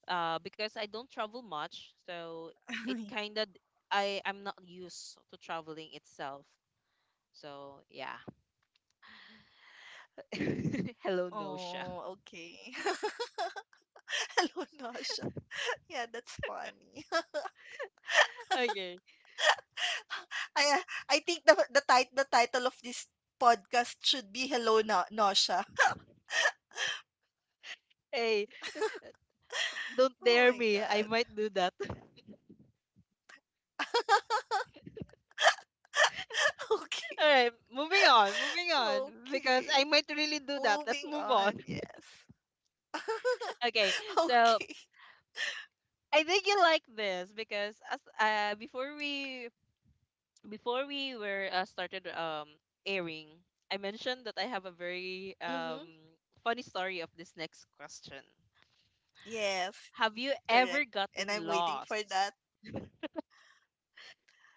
Speaker 1: Because I don't travel much, so
Speaker 2: Ay.
Speaker 1: it kind of, I'm not used to traveling itself. So yeah. Hello nosha.
Speaker 2: Oh, okay. Hello now siya. Yeah, that's funny.
Speaker 1: Okay.
Speaker 2: I uh, I think the title of this podcast should be Hello Na Nausea.
Speaker 1: Hey, don't
Speaker 2: Oh
Speaker 1: dare
Speaker 2: my
Speaker 1: me, I
Speaker 2: god.
Speaker 1: might do that.
Speaker 2: Okay.
Speaker 1: All right, moving on, moving on, because
Speaker 2: Okay.
Speaker 1: I might really do that. Let's
Speaker 2: Moving
Speaker 1: move on.
Speaker 2: on. Yes.
Speaker 1: Okay, so
Speaker 2: Okay.
Speaker 1: I think you like this because, as, before we were, started, airing, I mentioned that I have a very,
Speaker 2: Mhm.
Speaker 1: funny story of this next question.
Speaker 2: Yes.
Speaker 1: Have you
Speaker 2: Correct.
Speaker 1: ever
Speaker 2: And I'm waiting
Speaker 1: gotten
Speaker 2: for that.
Speaker 1: lost?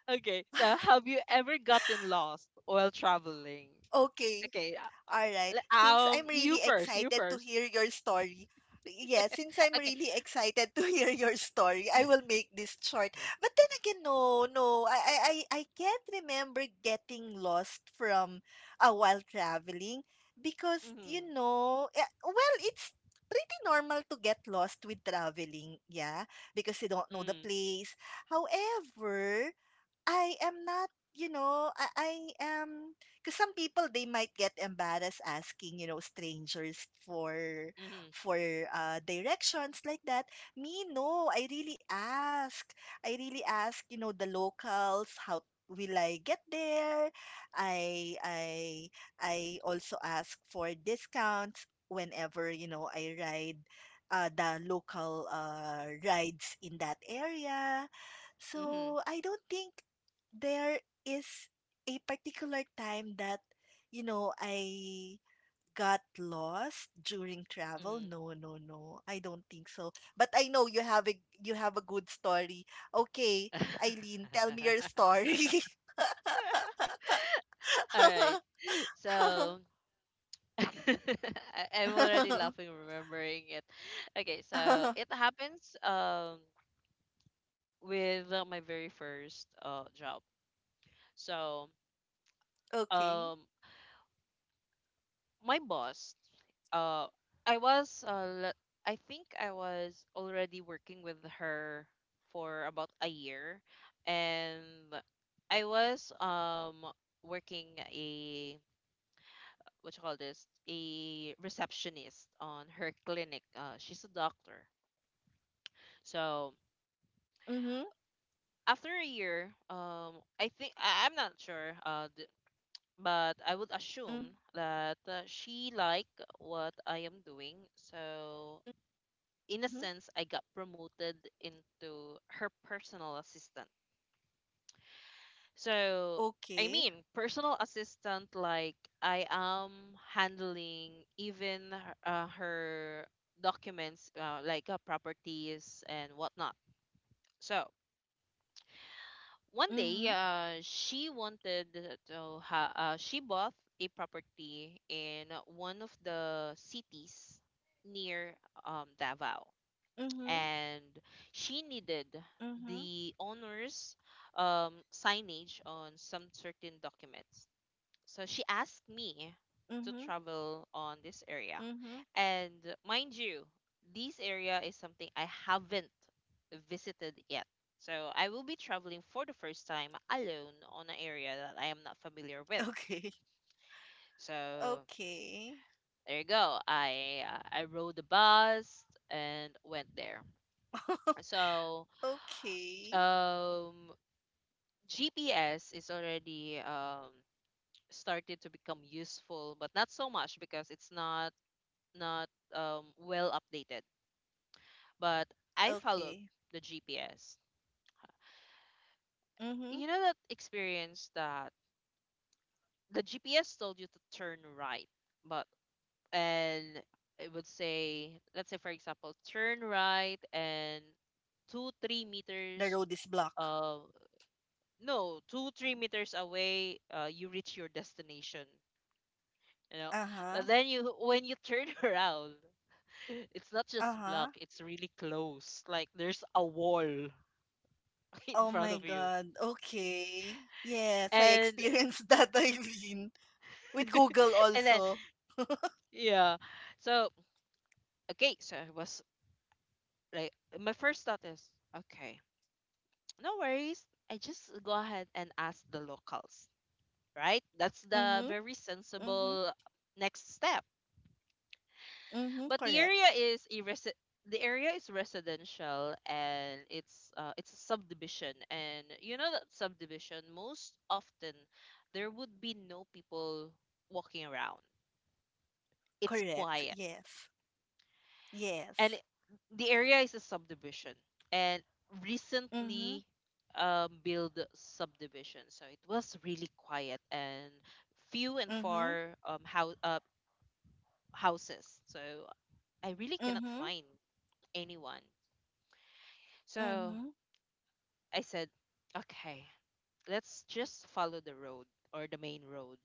Speaker 1: Okay, so have you ever gotten lost while traveling?
Speaker 2: Okay.
Speaker 1: Okay,
Speaker 2: All right.
Speaker 1: le-
Speaker 2: Since I'm really
Speaker 1: you first, you
Speaker 2: excited to
Speaker 1: first.
Speaker 2: hear your story, Yeah, since I'm
Speaker 1: Okay.
Speaker 2: really excited to hear your story, I will make this short. But then again, no, no, I can't remember getting lost from while traveling, because, you
Speaker 1: Mhm.
Speaker 2: know, well, it's pretty normal to get lost with traveling, yeah, because you don't know the
Speaker 1: Mm.
Speaker 2: place. However, I am not, you know, I am because some people, they might get embarrassed asking, you know, strangers for
Speaker 1: Mhm.
Speaker 2: for directions like that. Me, no, I really ask. I really ask, you know, the locals how will I get there. I I I also ask for discounts whenever, you know, I ride the local rides in that area.
Speaker 1: Mhm.
Speaker 2: So I don't think there is a particular time that, you know, I got lost during travel.
Speaker 1: Mhm.
Speaker 2: No, no, no. I don't think so. But I know you have a good story. Okay, Eileen, tell me your story.
Speaker 1: All right. So I'm already laughing remembering it. Okay, so it happens, with, my very first, job. So,
Speaker 2: Okay.
Speaker 1: um my boss, uh I was, I think I was already working with her for about a year, and I was, working a, what you call this, a receptionist on her clinic.
Speaker 2: Mm-hmm.
Speaker 1: She's a doctor.
Speaker 2: Mm-hmm.
Speaker 1: So after a year, I think, I'm not sure, but I would assume that, she
Speaker 2: Mm-hmm.
Speaker 1: liked what I am doing. So in a sense, I got promoted into her personal assistant.
Speaker 2: Okay.
Speaker 1: So I mean, personal assistant like I am handling even, her documents, like, properties and whatnot. So
Speaker 2: Mm-hmm.
Speaker 1: one day, she wanted to, she bought a property in one of the cities near,
Speaker 2: Mm-hmm.
Speaker 1: Davao, and she
Speaker 2: Mm-hmm.
Speaker 1: needed the owner's, signage on some certain documents, so she asked
Speaker 2: Mm-hmm.
Speaker 1: me to travel on this
Speaker 2: Mm-hmm.
Speaker 1: area. And mind you, this area is something I haven't visited yet. So I will be traveling for the first time alone on an area that I am not familiar
Speaker 2: Okay.
Speaker 1: with. So
Speaker 2: Okay.
Speaker 1: there you go. I rode the bus and went there. So,
Speaker 2: Okay.
Speaker 1: um GPS is already, started to become useful, but not so much because it's, not, well updated, but I followed
Speaker 2: Okay.
Speaker 1: the GPS.
Speaker 2: Mhm.
Speaker 1: You know that experience that the GPS told you to turn right, but, and it would say, let's say for example, turn right and two three
Speaker 2: The
Speaker 1: meters
Speaker 2: road is blocked.
Speaker 1: uh no, 2 to 3 meters away, you reach your destination, you know? But
Speaker 2: Uh-huh.
Speaker 1: then you, when you turn around, it's not just block,
Speaker 2: Uh-huh.
Speaker 1: it's really close, like there's a wall in
Speaker 2: Oh
Speaker 1: front
Speaker 2: my
Speaker 1: of you.
Speaker 2: God. Okay. Yes, I
Speaker 1: And
Speaker 2: experienced that, Eileen. With Google
Speaker 1: and then,
Speaker 2: also.
Speaker 1: yeah. So, okay, so I was like, my first thought is, okay, no worries. I just go ahead and ask the locals, right? That's the
Speaker 2: Mm-hmm.
Speaker 1: very
Speaker 2: Mm-hmm.
Speaker 1: sensible next step.
Speaker 2: Mm-hmm.
Speaker 1: But,
Speaker 2: Correct.
Speaker 1: the area is residential, and it's a subdivision, and you know that subdivision, most often, there would be no people walking around. It's
Speaker 2: Correct.
Speaker 1: quiet,
Speaker 2: Yes. Yes.
Speaker 1: and the area is a subdivision, and
Speaker 2: Mm-hmm.
Speaker 1: recently, build subdivision, so it was really quiet and few and
Speaker 2: Mm-hmm.
Speaker 1: far, houses, so I really cannot
Speaker 2: Mm-hmm.
Speaker 1: find anyone. So
Speaker 2: Mm-hmm.
Speaker 1: I said, okay, let's just follow the road, or the main road,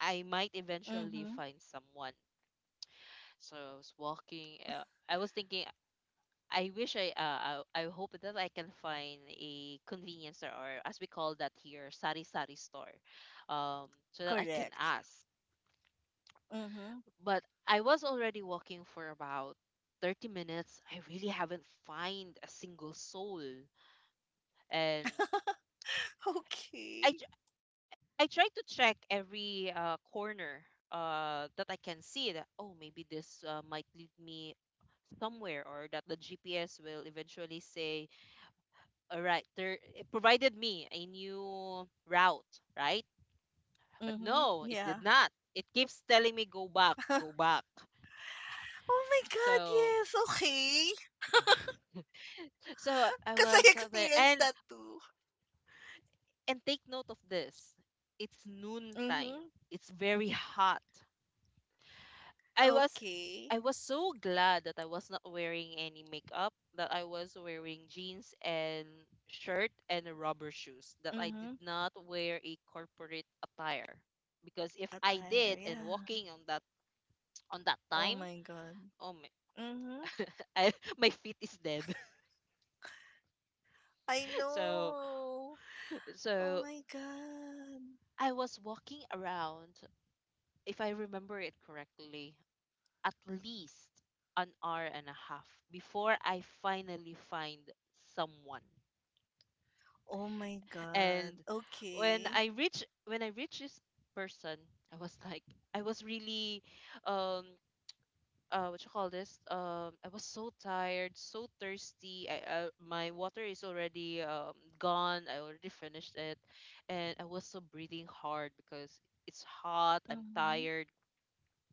Speaker 1: I might eventually
Speaker 2: Mm-hmm.
Speaker 1: find someone. So I was walking, I was thinking, I wish I, I hope that I can find a convenience store, or as we call that here, sari sari store, um so that I can
Speaker 2: Correct.
Speaker 1: ask.
Speaker 2: Mm-hmm.
Speaker 1: But I was already walking for about 30 minutes. I really haven't find a single soul, and I
Speaker 2: Okay.
Speaker 1: tr- I tried to check every, corner, that I can see, that oh maybe this, might lead me somewhere, or that the GPS will eventually say, all right, there it provided me a new route, right? But
Speaker 2: Mm-hmm.
Speaker 1: no, it
Speaker 2: Yeah.
Speaker 1: did not. It keeps telling me go back, go back.
Speaker 2: Oh my God,
Speaker 1: So
Speaker 2: yes. Okay.
Speaker 1: I
Speaker 2: Because I
Speaker 1: was, there,
Speaker 2: experienced
Speaker 1: and
Speaker 2: that too.
Speaker 1: and take note of this. It's noon time.
Speaker 2: Mm-hmm.
Speaker 1: It's very hot. I was
Speaker 2: Okay.
Speaker 1: I was so glad that I was not wearing any makeup, that I was wearing jeans and shirt and rubber shoes, that I did
Speaker 2: Mhm.
Speaker 1: not wear a corporate attire. Because if I
Speaker 2: Attire,
Speaker 1: did and
Speaker 2: yeah.
Speaker 1: walking on that
Speaker 2: Oh
Speaker 1: time,
Speaker 2: my god.
Speaker 1: oh my
Speaker 2: Mhm.
Speaker 1: I, my feet is dead.
Speaker 2: I
Speaker 1: so
Speaker 2: know. Oh my
Speaker 1: so
Speaker 2: god.
Speaker 1: I was walking around, if I remember it correctly, at least an hour and a half before I finally find someone.
Speaker 2: Oh my god.
Speaker 1: And
Speaker 2: Okay.
Speaker 1: when I reach this person, I was like I was really um what you call this, I was so tired, so thirsty. I, my water is already gone, I already finished it, and I was so breathing hard because it's hot, I'm
Speaker 2: Mhm.
Speaker 1: tired.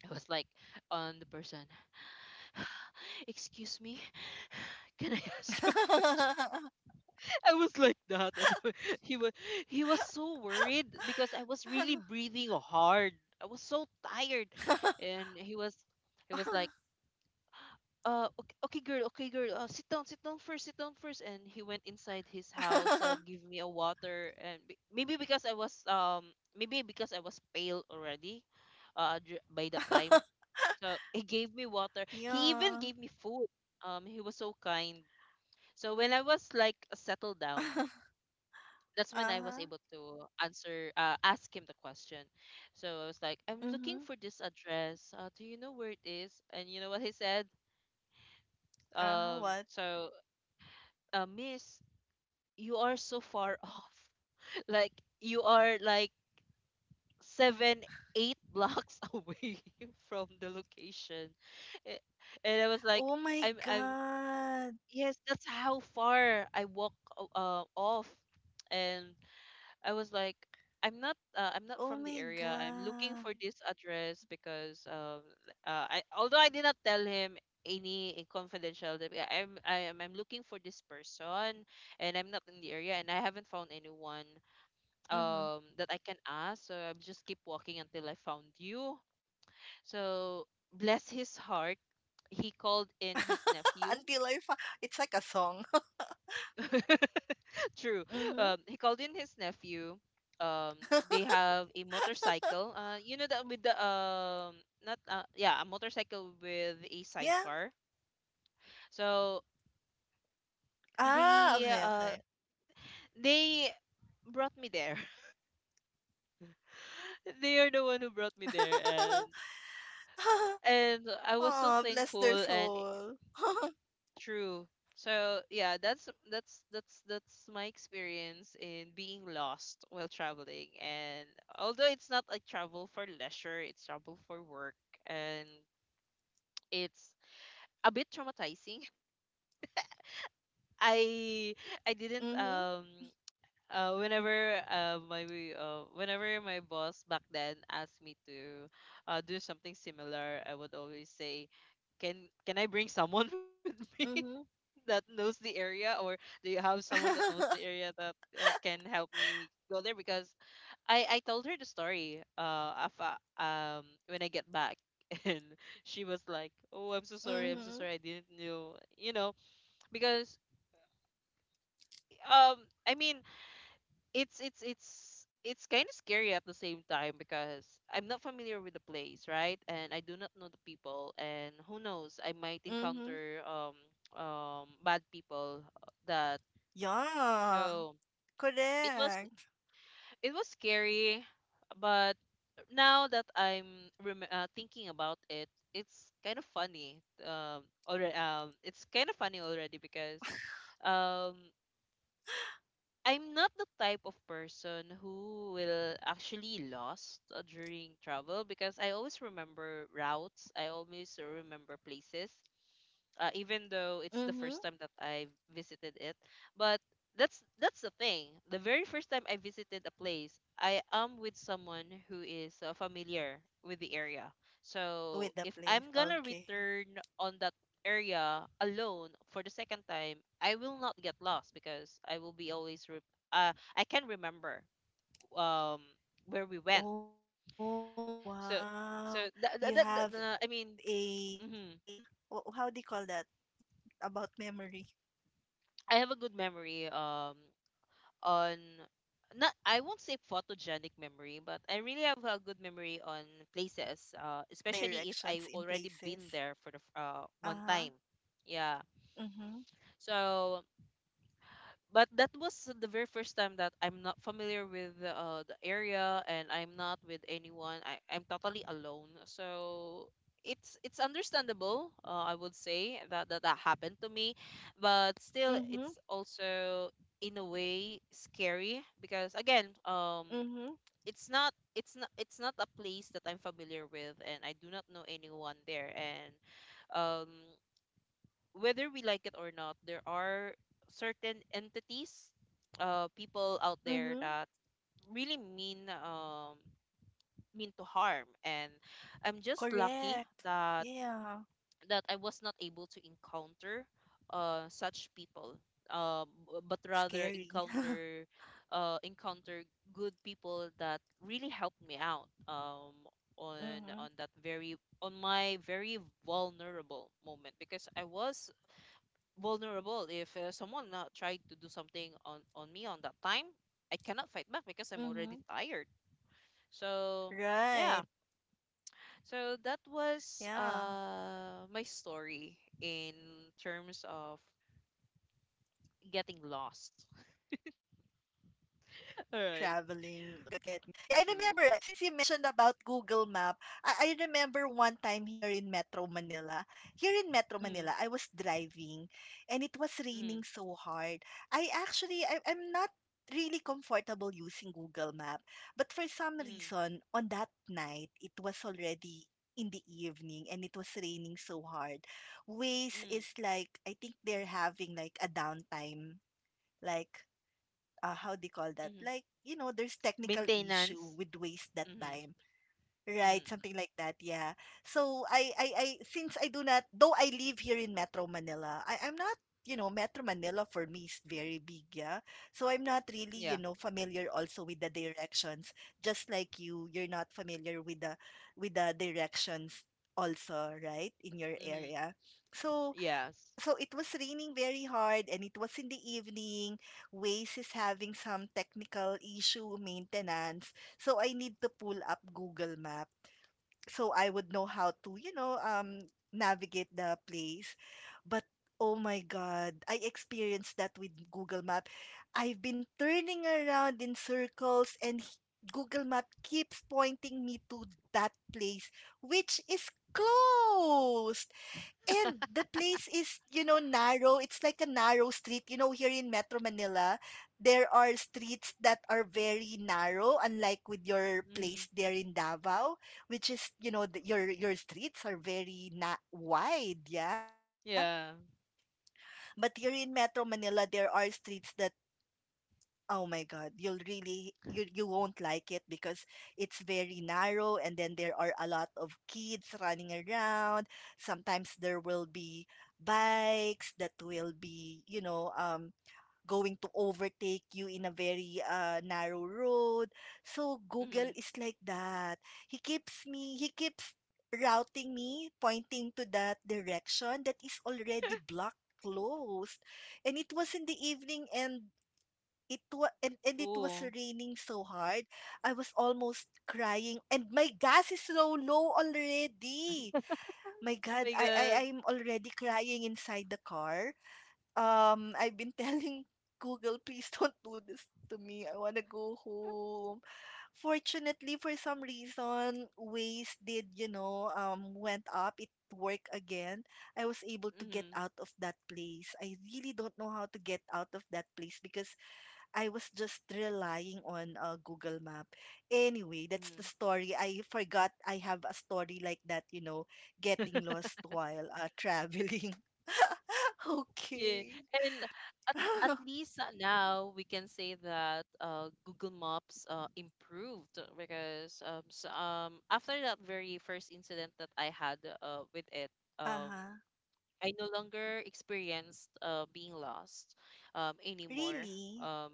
Speaker 1: I was like, on the person, "Excuse me, can I ask you a question?" I was like that, and he was he was so worried because I was really breathing hard. I was so tired, and he was like, okay, okay girl, sit down first, sit down first." And he went inside his house, give me a water, and maybe because I was maybe because I was pale already, by that time, so he gave me water. He even
Speaker 2: Yeah.
Speaker 1: gave me food. He was so kind. So when I was like settled down, that's when I was able
Speaker 2: Uh-huh.
Speaker 1: to ask him the question. So I was like, "I'm looking for this
Speaker 2: Mm-hmm.
Speaker 1: address. Do you know where it is?" And you know what he said? Um, so,
Speaker 2: Uh-huh. What?
Speaker 1: "Miss, you are so far off. Like, you are like seven, eight blocks away from the location." A- And I
Speaker 2: Oh
Speaker 1: was
Speaker 2: my
Speaker 1: like, I'm, I'm,
Speaker 2: God.
Speaker 1: "Yes, that's how far I walk off." And I was like, "I'm not I'm
Speaker 2: Oh
Speaker 1: not from
Speaker 2: my
Speaker 1: the area. I'm looking
Speaker 2: God.
Speaker 1: for this address because I, although I did not tell him any confidential, that yeah, I'm I am I'm looking for this person and I'm not in the area and I haven't found anyone that
Speaker 2: Mm-hmm.
Speaker 1: I can ask. So I'm just keep walking until I found you." So, bless his heart, he called in his nephew.
Speaker 2: Until I Fi it's like a song.
Speaker 1: True.
Speaker 2: Mhm.
Speaker 1: He called in his nephew. Um, they have a motorcycle. You know that with the not yeah, a motorcycle with a sidecar.
Speaker 2: Yeah.
Speaker 1: So the uh,
Speaker 2: Ah, okay, okay.
Speaker 1: they brought me there. They are the one who brought me there, and I was so thankful.
Speaker 2: Aw,
Speaker 1: And
Speaker 2: bless their
Speaker 1: Y-
Speaker 2: soul.
Speaker 1: True. So yeah, that's my experience in being lost while traveling. And although it's not like travel for leisure, it's travel for work, and it's a bit traumatizing. I didn't
Speaker 2: Mhm,
Speaker 1: whenever my whenever my boss back then asked me to do something similar, I would always say, "Can I bring someone with me
Speaker 2: mhm.
Speaker 1: that knows the area?" Or, "Do you have someone that knows the area that uh can help me go there?" Because I told her the story of when I get back, and she was like, "Oh, I'm so sorry, I'm so sorry, I didn't
Speaker 2: Mhm,
Speaker 1: know, you know, because um, I mean, it's it's it's it's kind of scary at the same time because I'm not familiar with the place, right? And I do not know the people, and who knows, I might
Speaker 2: mhm.
Speaker 1: encounter bad people that..."
Speaker 2: Yeah,
Speaker 1: So it was
Speaker 2: correct.
Speaker 1: it was scary, but now that I'm thinking about it, it's kind of funny. Already, it's kind of funny already because um, I'm not the type of person who will actually lost during travel because I always remember routes. I always remember places. Uh, even though it's the first time that I
Speaker 2: Mhm.
Speaker 1: visited it. But that's the thing. The very first time I visited a place, I am with someone who is uh familiar with the area. So if I'm gonna
Speaker 2: With the
Speaker 1: return
Speaker 2: place.
Speaker 1: on that
Speaker 2: Okay.
Speaker 1: area alone for the second time, I will not get lost because I will be always I can remember um
Speaker 2: Oh,
Speaker 1: where we went.
Speaker 2: wow. You have
Speaker 1: So
Speaker 2: a
Speaker 1: that, I
Speaker 2: how do you
Speaker 1: mean,
Speaker 2: call that?
Speaker 1: mhm,
Speaker 2: About memory.
Speaker 1: I have a good memory.
Speaker 2: Mhm.
Speaker 1: On, not, I won't say photogenic memory, but I really have a good memory on places, especially if I already been there for the
Speaker 2: Directions in
Speaker 1: one time.
Speaker 2: places.
Speaker 1: Yeah.
Speaker 2: Uh-huh.
Speaker 1: So,
Speaker 2: Mhm,
Speaker 1: but that was the very first time that I'm not familiar with uh the area and I'm not with anyone. I'm totally alone. So it's, understandable. I would say that, that happened to me, but still it's also in a
Speaker 2: mhm,
Speaker 1: way scary because again, it's
Speaker 2: mhm,
Speaker 1: not a place that I'm familiar with and I do not know anyone there. And um, whether we like it or not, there are certain entities, people out there that really
Speaker 2: mhm.
Speaker 1: mean to harm. And I'm just lucky that I
Speaker 2: Correct.
Speaker 1: was not able to
Speaker 2: Yeah.
Speaker 1: encounter such people, um, but rather encounter uh
Speaker 2: Scary.
Speaker 1: encounter good people that really helped me out on that very, on my very
Speaker 2: Mhm,
Speaker 1: vulnerable moment. Because I was vulnerable, if uh someone uh tried to do something on me on that time, I cannot fight back because I'm already tired.
Speaker 2: mhm.
Speaker 1: So yeah, so that
Speaker 2: Right.
Speaker 1: was my story
Speaker 2: Yeah.
Speaker 1: in terms of getting lost. All right.
Speaker 2: Got get me. Yeah, I remember,
Speaker 1: True.
Speaker 2: since you mentioned about Google Map, I remember one time here in Metro Manila. Here in Metro
Speaker 1: Mm,
Speaker 2: Manila, I was driving and it was
Speaker 1: mm,
Speaker 2: raining so hard. I'm not really comfortable using Google Map, but for some
Speaker 1: mm,
Speaker 2: reason on that night it was already in the evening and it was raining so hard. Waze
Speaker 1: mm,
Speaker 2: is like, I think they're having like a downtime, like how they call that?
Speaker 1: mm,
Speaker 2: Like, you know, there's technical issue
Speaker 1: maintenance.
Speaker 2: with waste that
Speaker 1: Mm,
Speaker 2: time. Right,
Speaker 1: mm,
Speaker 2: something like that, yeah. So I since I do not, though I live here in Metro Manila, I'm not, you know, Metro Manila for me is very big, yeah. So I'm not really,
Speaker 1: yeah.
Speaker 2: you know, familiar also with the directions. Just like you, you're not familiar with the directions also, right, in your
Speaker 1: Mm,
Speaker 2: area. So
Speaker 1: yes.
Speaker 2: so it was raining very hard and it was in the evening. Waze is having some technical issue, maintenance. So I need to pull up Google Map so I would know how to, you know, navigate the place. But oh my God, I experienced that with Google Map. I've been turning around in circles and h- Google Map keeps pointing me to that place, which is closed. And the place is, you know, narrow. It's like a narrow street. You know, here in Metro Manila, there are streets that are very narrow, unlike with your place
Speaker 1: Mm,
Speaker 2: there in Davao, which is, you know, your streets are very na wide, yeah.
Speaker 1: yeah.
Speaker 2: But here in Metro Manila, there are streets that oh my God, you'll really you you won't like it because it's very narrow, and then there are a lot of kids running around. Sometimes there will be bikes that will be, you know, going to overtake you in a very narrow road. So Google
Speaker 1: Mm,
Speaker 2: is like that. He keeps routing me, pointing to that direction that is already blocked, closed, and it was in the evening and it was
Speaker 1: oh.
Speaker 2: raining so hard. I was almost crying and my gas is so low already. My
Speaker 1: Oh
Speaker 2: God,
Speaker 1: my god.
Speaker 2: I'm already crying inside the car. Um, I've been telling Google, please don't do this to me. I wanna go home. Fortunately, for some reason, Waze did, you know, went up. It worked again. I was able to get
Speaker 1: Mm,
Speaker 2: out of that place. I really don't know how to get out of that place because I was just relying on Google Map. Anyway, that's the
Speaker 1: mm.
Speaker 2: story. I forgot I have a story like that, you know, getting lost while traveling.
Speaker 1: Yeah,
Speaker 2: Okay.
Speaker 1: and at, at least uh now we can say that uh Google Maps uh improved uh because so, after that very first incident that I had uh with it, um,
Speaker 2: Uh-huh.
Speaker 1: I no longer experienced uh being lost um anymore.
Speaker 2: Really?
Speaker 1: Um,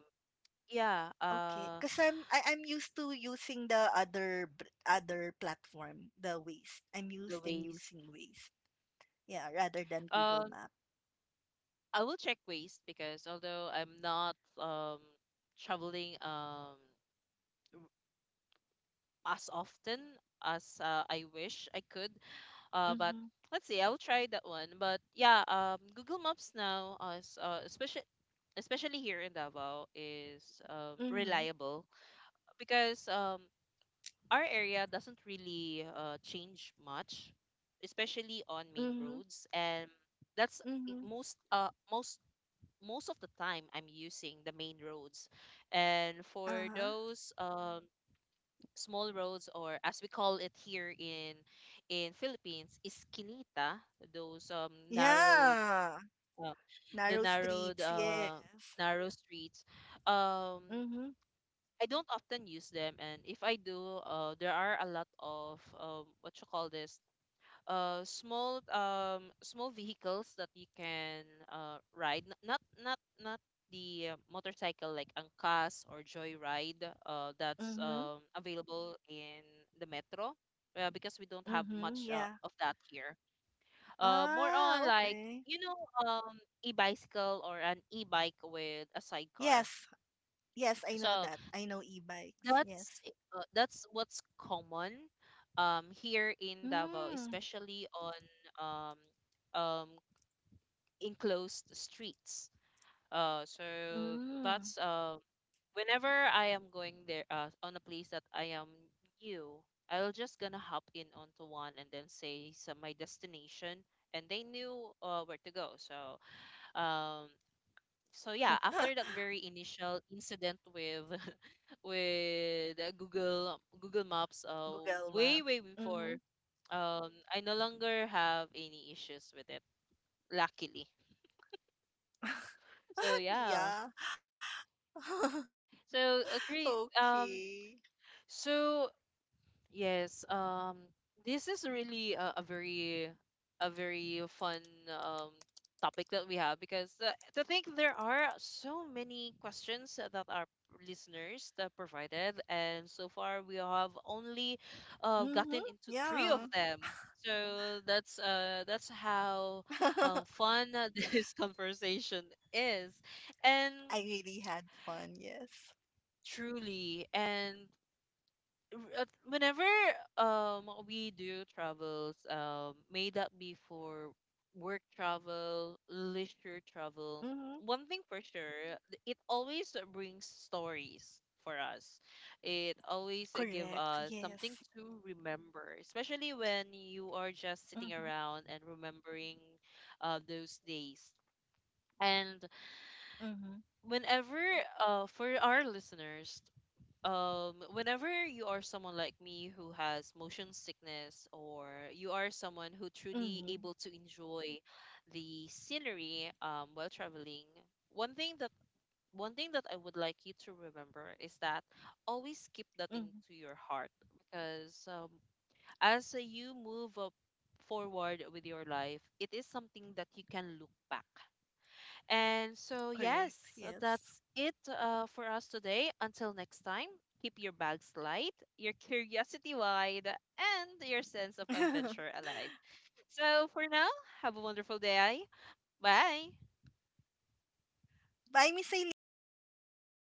Speaker 1: yeah,
Speaker 2: Okay. Because I'm used to using the other other platform, the Waze. I'm
Speaker 1: the
Speaker 2: used in
Speaker 1: Ways.
Speaker 2: using Waze. Yeah, rather than Google
Speaker 1: Um,
Speaker 2: Map.
Speaker 1: I will check Ways because although I'm not traveling as often as uh I wish I could. But
Speaker 2: Mm-hmm.
Speaker 1: let's see. I'll try that one. But yeah, Google Maps now, especially, here in Davao, is um
Speaker 2: Mm-hmm.
Speaker 1: reliable because um our area doesn't really uh change much, especially on main
Speaker 2: Mm-hmm.
Speaker 1: roads. And that's,
Speaker 2: Mm-hmm.
Speaker 1: most, most of the time I'm using the main roads. And for
Speaker 2: Uh-huh.
Speaker 1: those small roads, or as we call it here in Philippines, iskinita, those narrowed,
Speaker 2: Yeah.
Speaker 1: uh, the
Speaker 2: Narrow
Speaker 1: narrowed
Speaker 2: streets, yes.
Speaker 1: narrow streets, um
Speaker 2: Mm-hmm.
Speaker 1: I don't often use them. And if I do, uh, there are a lot of what you call this, small small vehicles that you can ride. Not the uh motorcycle like angkas or joyride that's
Speaker 2: Mm-hmm.
Speaker 1: available in the metro, because we don't have
Speaker 2: Mm-hmm.
Speaker 1: much uh
Speaker 2: Yeah.
Speaker 1: of that here. Uh, more on
Speaker 2: Ah,
Speaker 1: like,
Speaker 2: okay.
Speaker 1: you know, e-bicycle or an e-bike with a sidecar.
Speaker 2: Yes. Yes, I know
Speaker 1: So
Speaker 2: that. I know e-bikes. Yes.
Speaker 1: that's, that's what's common here in Davao,
Speaker 2: Mm.
Speaker 1: especially on um um enclosed streets. So
Speaker 2: Mm.
Speaker 1: that's whenever I am going there uh on a place that I am new, I'll just gonna hop in onto one and then say some my destination, and they knew uh where to go. So um, so yeah, after that very initial incident with with uh Google Maps,
Speaker 2: Google map.
Speaker 1: way
Speaker 2: Mm-hmm.
Speaker 1: before, I no longer have any issues with it. Luckily, so yeah.
Speaker 2: Yeah.
Speaker 1: So agree.
Speaker 2: Okay.
Speaker 1: So yes, this is really a, very, fun um topic that we have, because to think there are so many questions that our listeners that provided, and so far we have
Speaker 2: Mm-hmm.
Speaker 1: only
Speaker 2: Yeah.
Speaker 1: uh gotten into 3 of them. So
Speaker 2: I
Speaker 1: that's how uh fun this conversation is.
Speaker 2: really
Speaker 1: And
Speaker 2: had fun, yes.
Speaker 1: truly, and whenever we do travels, may that be for work travel, leisure
Speaker 2: Mm-hmm.
Speaker 1: travel, one thing for sure, it always brings stories for us. It
Speaker 2: Correct,
Speaker 1: always uh give
Speaker 2: yes.
Speaker 1: us something to remember, especially when you are
Speaker 2: Mm-hmm.
Speaker 1: just sitting around and remembering uh those days. And
Speaker 2: Mm-hmm.
Speaker 1: whenever for our listeners, whenever you are someone like me who has motion sickness, or you are someone who
Speaker 2: Mm-hmm.
Speaker 1: truly able to enjoy the scenery while traveling, one thing that one thing that I would like you to remember is that always keep that
Speaker 2: Mm-hmm.
Speaker 1: into your heart, because as you move up forward with your life, it is something that you can look back. And so,
Speaker 2: Correct,
Speaker 1: yes,
Speaker 2: yes.
Speaker 1: that's it uh for us today. Until next time, keep your bags light, your curiosity wide, and your sense of adventure alive. So, for now, have a wonderful day. Bye.
Speaker 2: Bye, Miss Eileen.